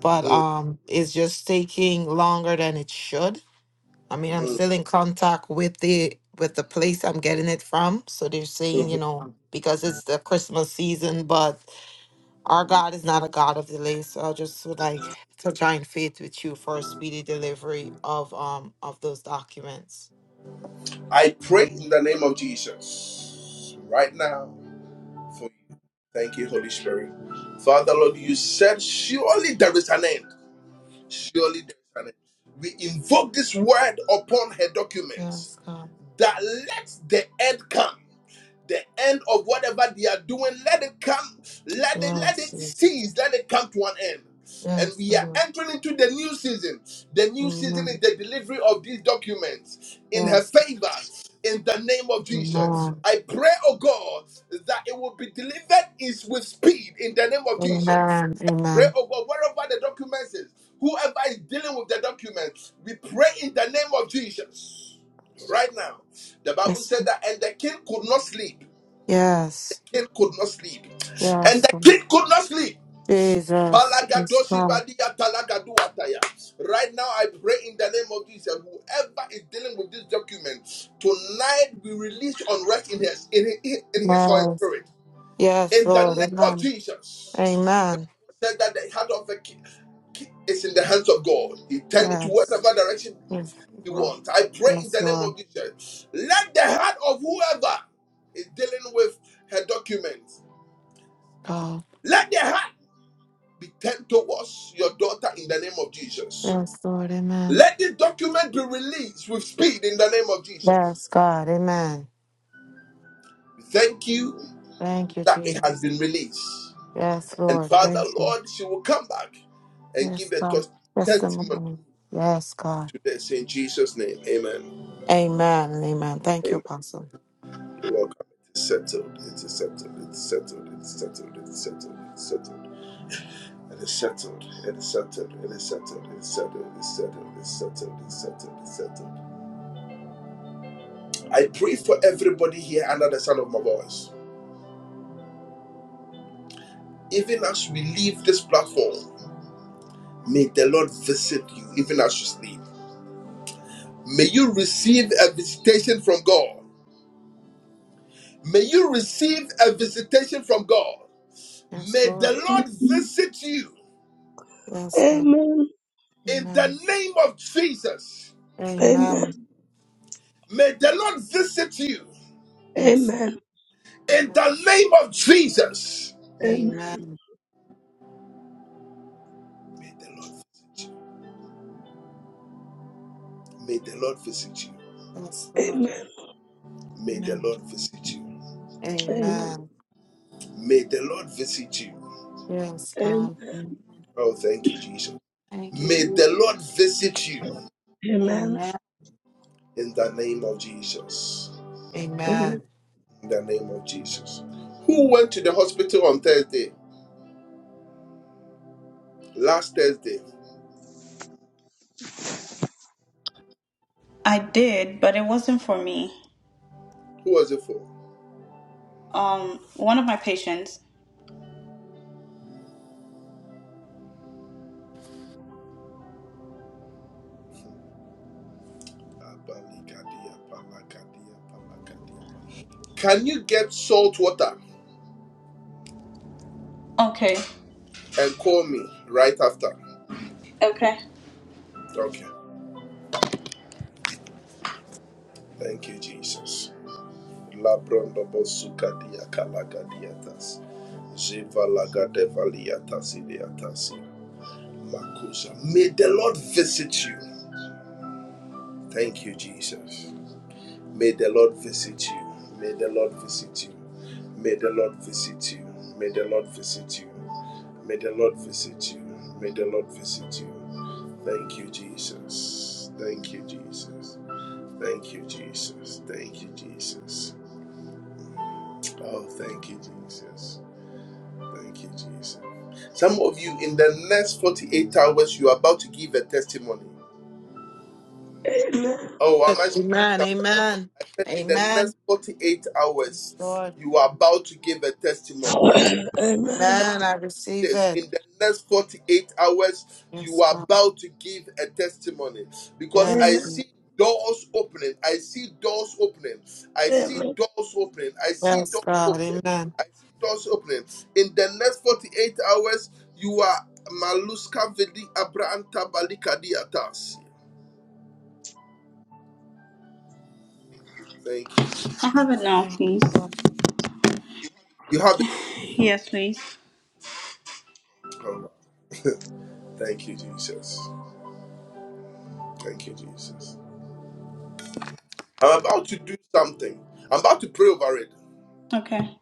but um it's just taking longer than it should. I mean, I'm still in contact with the with the place I'm getting it from. So they're saying, you know, because it's the Christmas season, but Our God is not a God of delay, so I just would like to join faith with you for a speedy delivery of um of those documents. Yes, God. Yes, Jesus. Yes, Lord. Amen. Yes. Amen. Amen. Amen. Yes. Yes. Yes. Lord. Jesus. Yes, God. Yes. Yes, Lord. Amen. Amen. Yes. Yes. Yes, Lord. God. Yes, Lord. Amen. Yes, God. Amen. Thank you, Jesus. Yes, Lord. Thank you. Yes, God. Testimony. Yes, God. Amen. and Amen. Thank you, Apostle. Yes, Lord. Amen. Yes, God. Amen. Amen. Amen. Amen. Amen. Amen. Amen. Amen. Amen. Amen. Amen. Amen. Yes. Amen. Amen. Amen. Yes, Lord. Amen. Amen. Amen. Yes, God. Amen. Thank you, Jesus. Amen. Amen. Amen. Amen. Amen. Amen. I did, but it wasn't for me. Um, one of my patients. Okay. Okay. Amen. Amen. Amen. Yes, Lord. Amen. I receive it. Yes, God. Yes. Yes, God. Amen. I have it now, Thank you, please. Lord. Yes, please. Okay.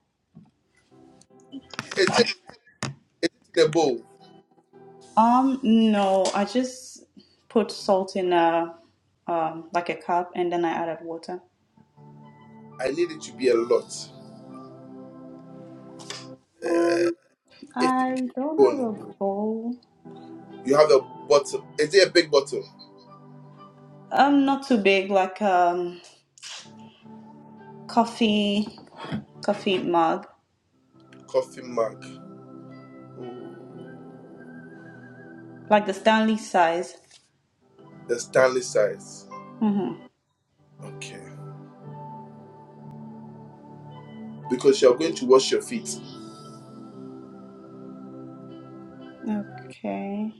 Um, no, I just put salt in a um like a cup and then I added water. Um, I don't have a bowl. Um, not too big, like um coffee coffee mug, like the Stanley size. Mm-hmm. Okay.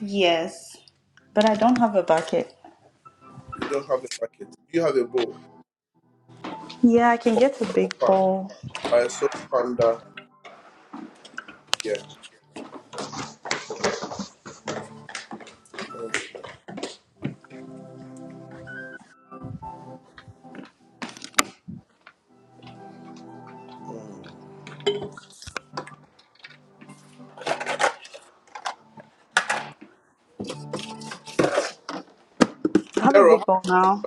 Yes, but I don't have a bucket. Yeah, I can get a big bowl. I have a big bowl now.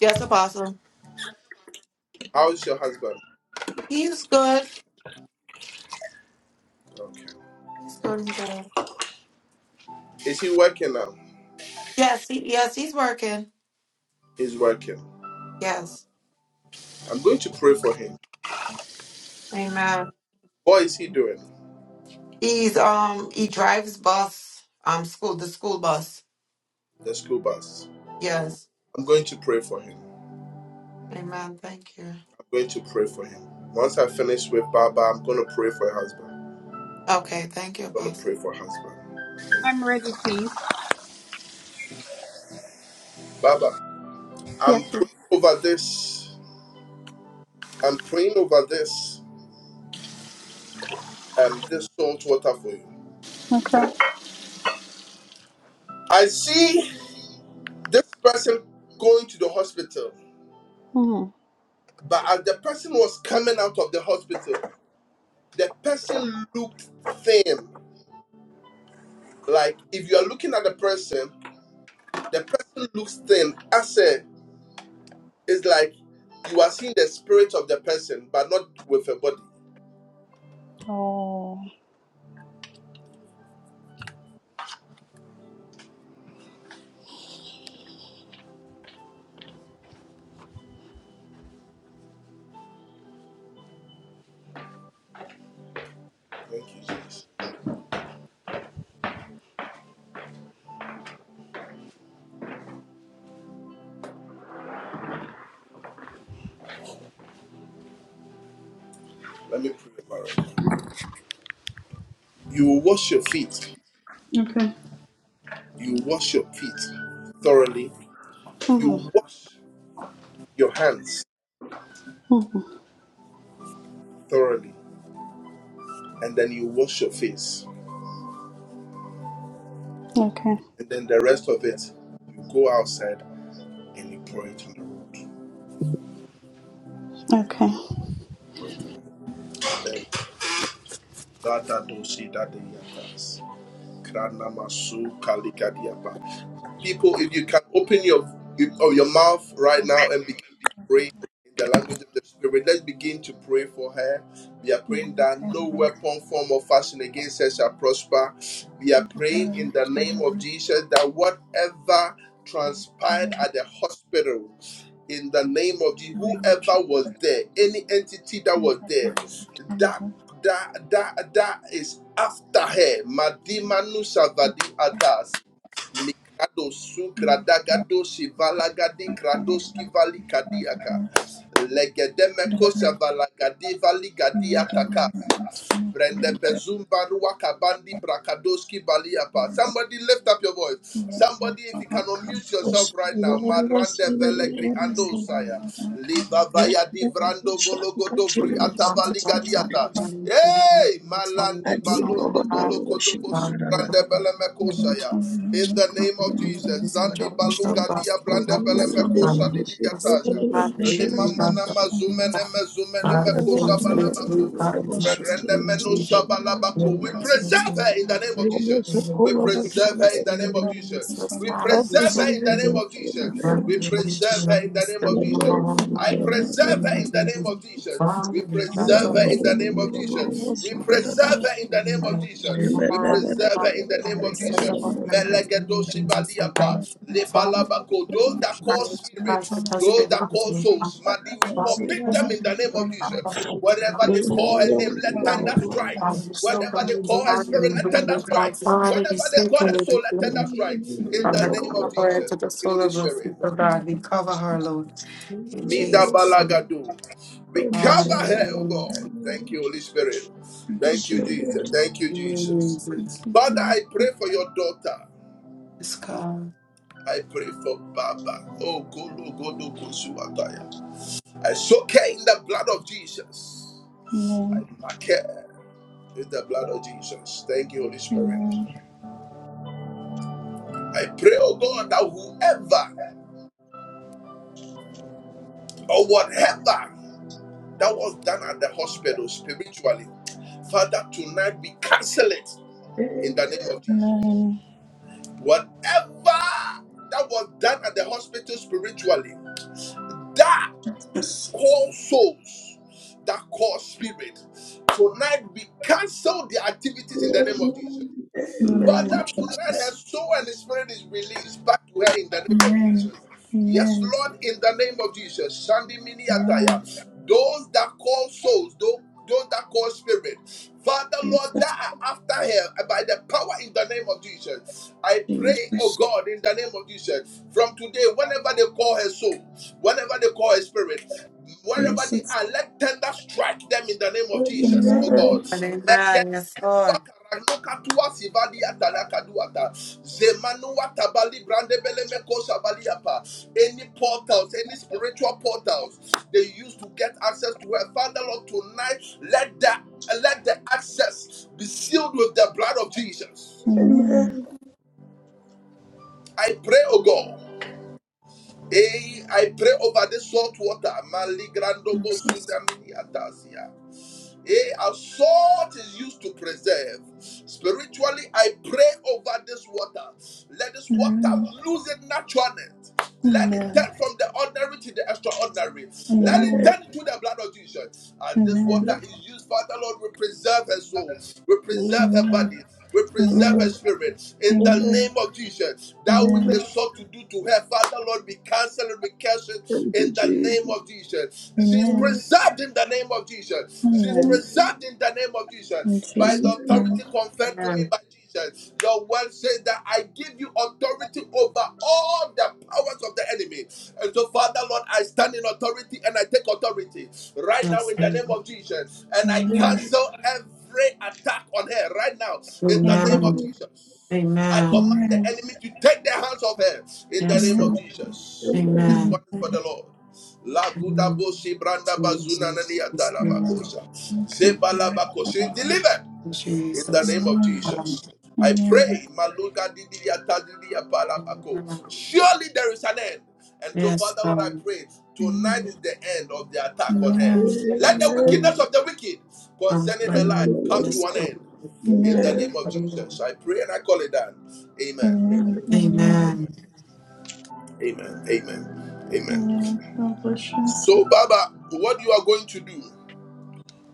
Yes, Apostle. He's good. He's good and good. Yes, he, yes, he's working. Yes. Amen. He's um he drives bus, um school the school bus. Yes. Amen. Thank you. Okay, thank you, Apostle. I'm ready, please. Yes, please. Okay. Mm. Oh. Okay. Mm. Okay. Okay. Thank you, Jesus. Thank you, Jesus. the Lord, I see. Let the Lord shine continuously. God preserve me from Father, we can say to you, God, in the mighty name of Jesus, we are now to you, and we thank you for us. We give you this first time, we so thank you. the We name thank you, of Lord, you, Jesus. and we still Let love no our evil Lord, in the befall me mighty in name of Jesus' Jesus. name. Father, we thank Let all that is evil you around us be that I die. Let that that that that that that that that that that that that that that that yes, that Um, um, From the crown of her head to the sole of her feet, O God, we cover her, Lord. In Jesus' name. Hallelujah. Jesus. Yes, God. Amen. Amen. Amen. In the name of Jesus. Amen. Amen. Amen. Jesus. Jesus. Jesus. Amen. And Amen. Yes, Lord. Amen. Jesus. Amen. Amen. Amen. Amen. Amen. Amen. Amen. Amen. Amen. Amen. In Jesus' name. Amen. Yes, Lord. Amen. Amen. Amen. Amen. Amen. Yes, Amen. Lord. Amen. Amen. Amen. Jesus. Yes, Lord. Amen. Okay. Amen. Jesus. Amen. Um, Amen. Yes, God. Amen. Amen. Yes, Amen. Lord. Um, Amen. Yes, God. controls. Amen. Amen. Amen. Amen. Amen. Amen. Amen. Amen. God bless you.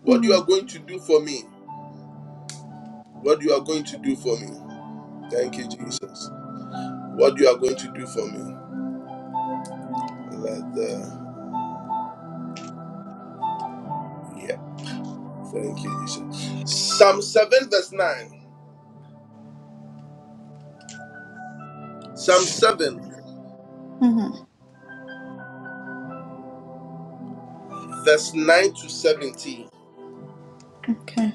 Mm-hmm. Mm-hmm. Okay.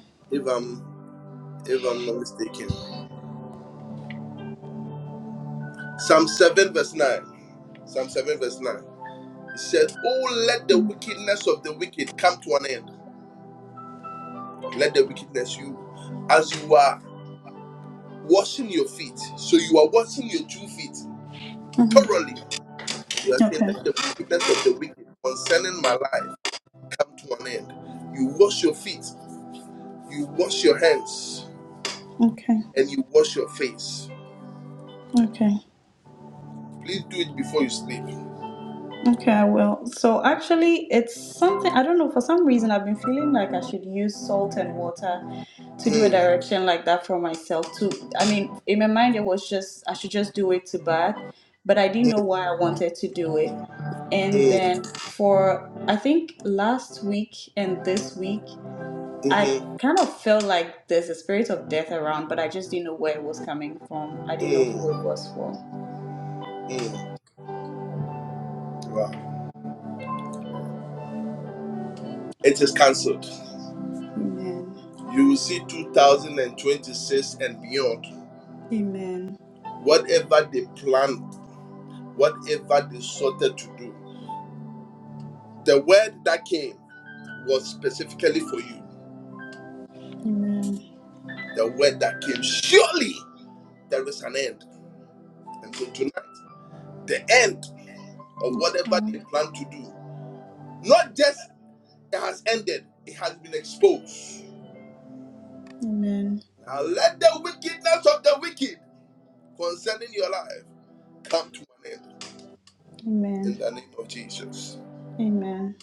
Mm-hmm. Okay. Okay. Okay. Okay, I will. So actually, it's something I don't know. For some reason, I've been feeling like I should use salt and water to do a direction like that for myself. To I mean, in my mind, it was just I should just do it to bath, but I didn't know why I wanted to do it. And then for I think last week and this week, I kind of felt like there's a spirit of death around, but I just didn't know where it was coming from. I didn't know who it was for. Amen. Amen. Amen. Let's go. Amen. Amen. Amen.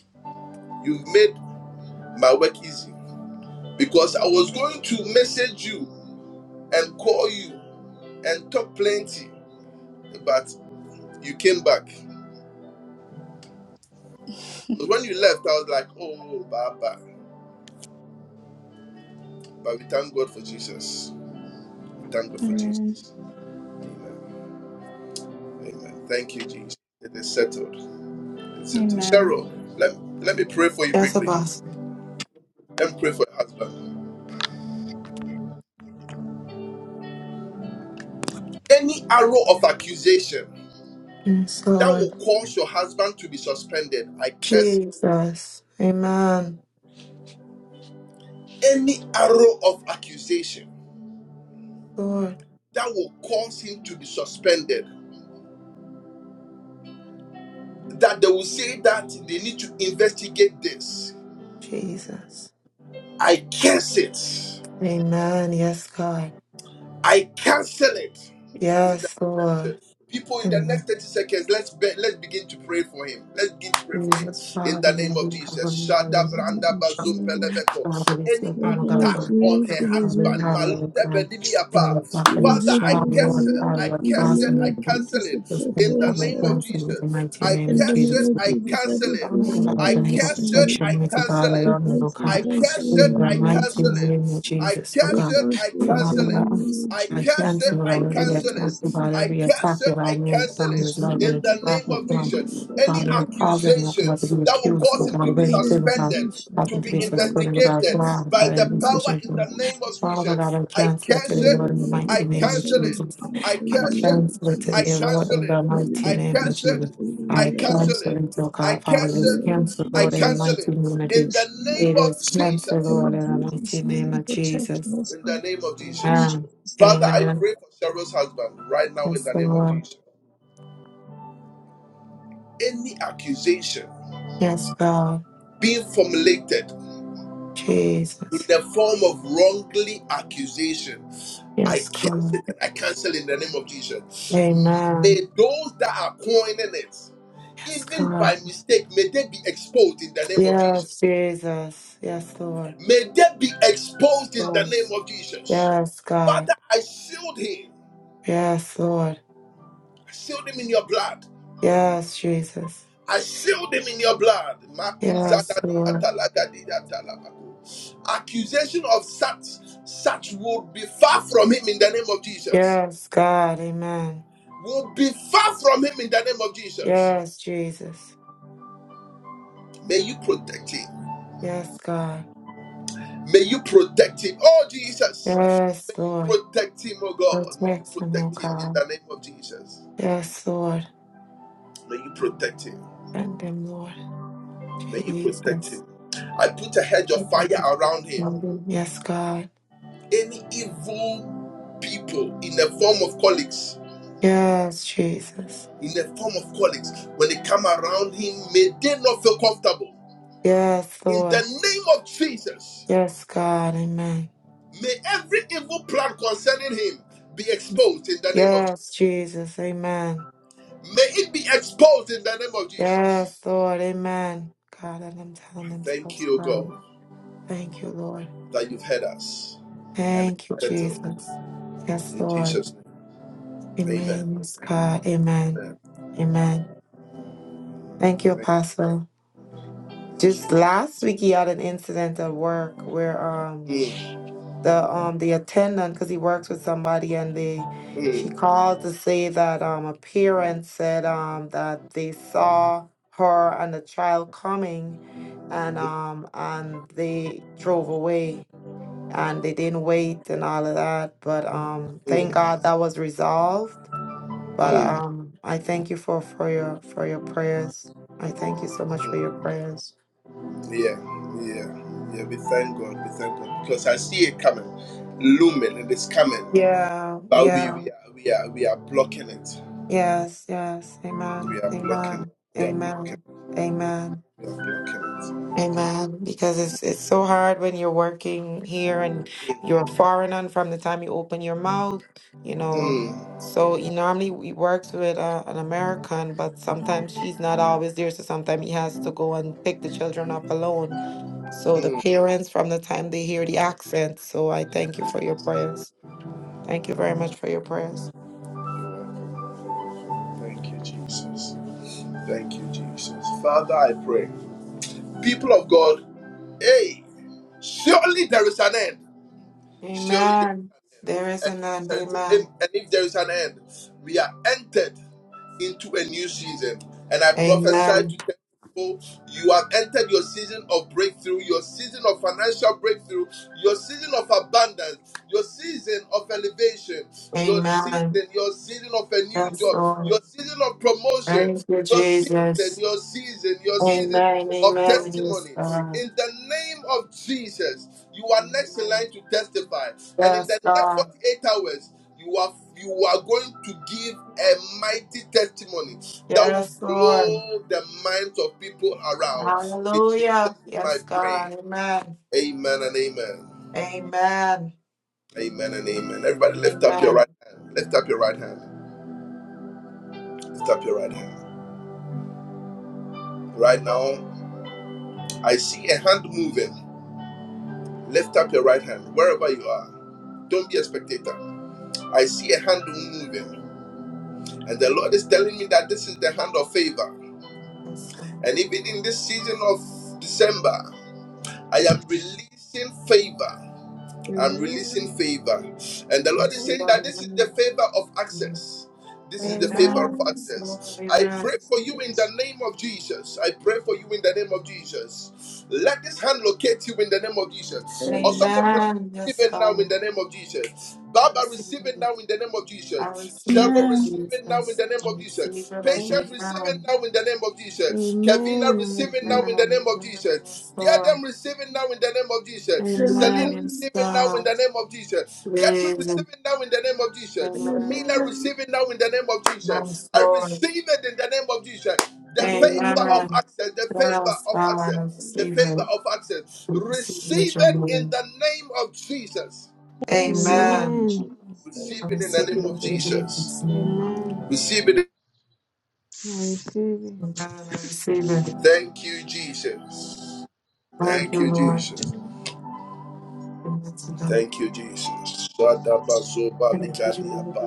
Amen. Amen. Yes, Apostle. Yes, Lord. Jesus. Amen. Lord Jesus. Amen. Yes, God. Yes, Lord. Amen. Jesus, Father, may you have a miracle. Father, Just Father, we thank you, God, I for pray to be the done. power of God. In your Praise darkness, you for shall the the Lord, Lord. God, your In the cross, and your name of blood. Jesus, I This pray can for have my us, Father. blessing in the mighty name of In the name Jesus. of Jesus, I pray Open for and again the this morning. protection with God We around thank the you, God. thank you in In the the name of mighty Jesus. name of Jesus, Lord We God. thank you in the Father, name of I Jesus. thank I you pray for us, Father. in Lord, the every name of attack, about Jesus. every attack that I made from his life and I it's back with pray for us, Father, we Father. cause it not to be We accused, pray Lord for God, of the very anything about position, happened to be Lord, our suspended cause without for us grounds, in but the in this name of Jesus. Father God, I cancel today, Lord, in the Lord, we mighty thank name of you and Jesus. honor in I the name of cancel it today, Jesus. Lord, in the Lord, we mighty name of thank you Jesus. in the I name of cancel it, oh God, Father, the it is Lord canceled, Lord, in the Jesus. mighty name In of Jesus. This morning, It is canceled, Lord, in in the mighty Jesus' name name, of protect Jesus. us from danger. Amen. Amen. Yes, Lord. Yes, God. Jesus. Yes, God. Amen. Yes, God. Yes, Jesus. Yes, Lord. Yes, God. Yes, Lord. Yes, Jesus. Yes, Lord. Yes, God. Amen. Yes, Jesus. Yes, God. Yes, Lord. Protect them, oh God. Yes, Lord. Thank them, Lord. Jesus. Yes, God. Yes, Jesus. Yes, Lord. Yes, God. Amen. Yes, Jesus. Amen. Yes, Lord. Amen. God, let them tell themselves, God. Thank you, Lord. Thank you, Jesus. Yes, Lord. Amen. Yes, God. Amen. Amen. Thank you, Apostle. Just last week he had an incident at work where um the um the attendant because he works with somebody and they she called to say that um a parent said um that they saw her and the child coming and um and they drove away and they didn't wait and all of that. But um, thank God that was resolved. But um, I thank you for for your for your prayers. I thank you so much for your prayers. Yeah, yeah, yes, yes. Amen. Amen. Amen. Amen. Amen. Because it's it's so hard when you're working here and you're a foreigner from the time you open your mouth, you know. So he normally he works with uh, an American, but sometimes she's not always there. So sometimes he has to go and pick the children up alone. So the parents from the time they hear the accent. So I thank you for your prayers. Thank you very much for your prayers. Amen. There is an end. Amen. Amen. Amen. That's all. Thank you, Jesus. Amen. Amen. Yes, God. Amen. Yes, God. Yes, Lord. Hallelujah. Yes, God. Amen. Amen. Amen. Yes, God. Amen. Yes, Amen. Lord. Amen. Amen. Amen. Amen. Amen. Yes, Lord. Amen. Amen. Yes, God. I receive it. I receive it, Amen. Jesus. I receive it. Amen. Amen. Amen. I Amen. receive. Amen. Yes, Lord. Amen. Himself. Praise him. Amen. Thanks, Lord. Amen. Amen. Yes, God, I receive it. Amen. I receive it, your Lord. I receive it in Amen. Amen. Jesus' name. I receive it in Jesus' name. Amen. I receive it. Amen. I receive it. Thank you, Lord. Amen. Amen to God. Thank you, Jesus.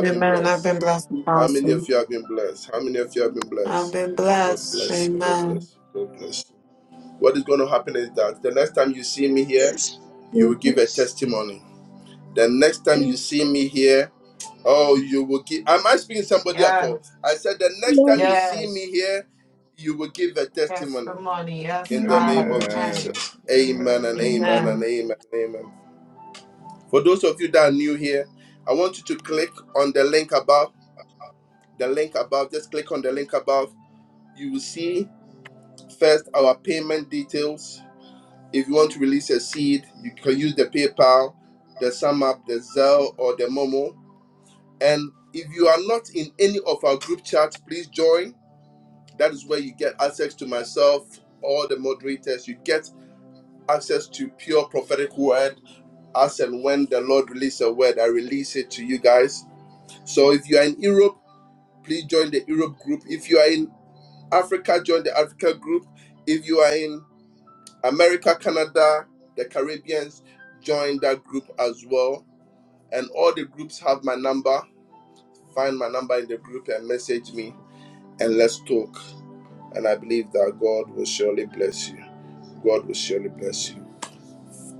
Amen. I've been blessed, Apostle. I've been blessed. Amen. Yes, goodness and Yes. glory. Yes. Testimony. Yes, God. Amen. Amen. Amen. Amen. Amen. Amen.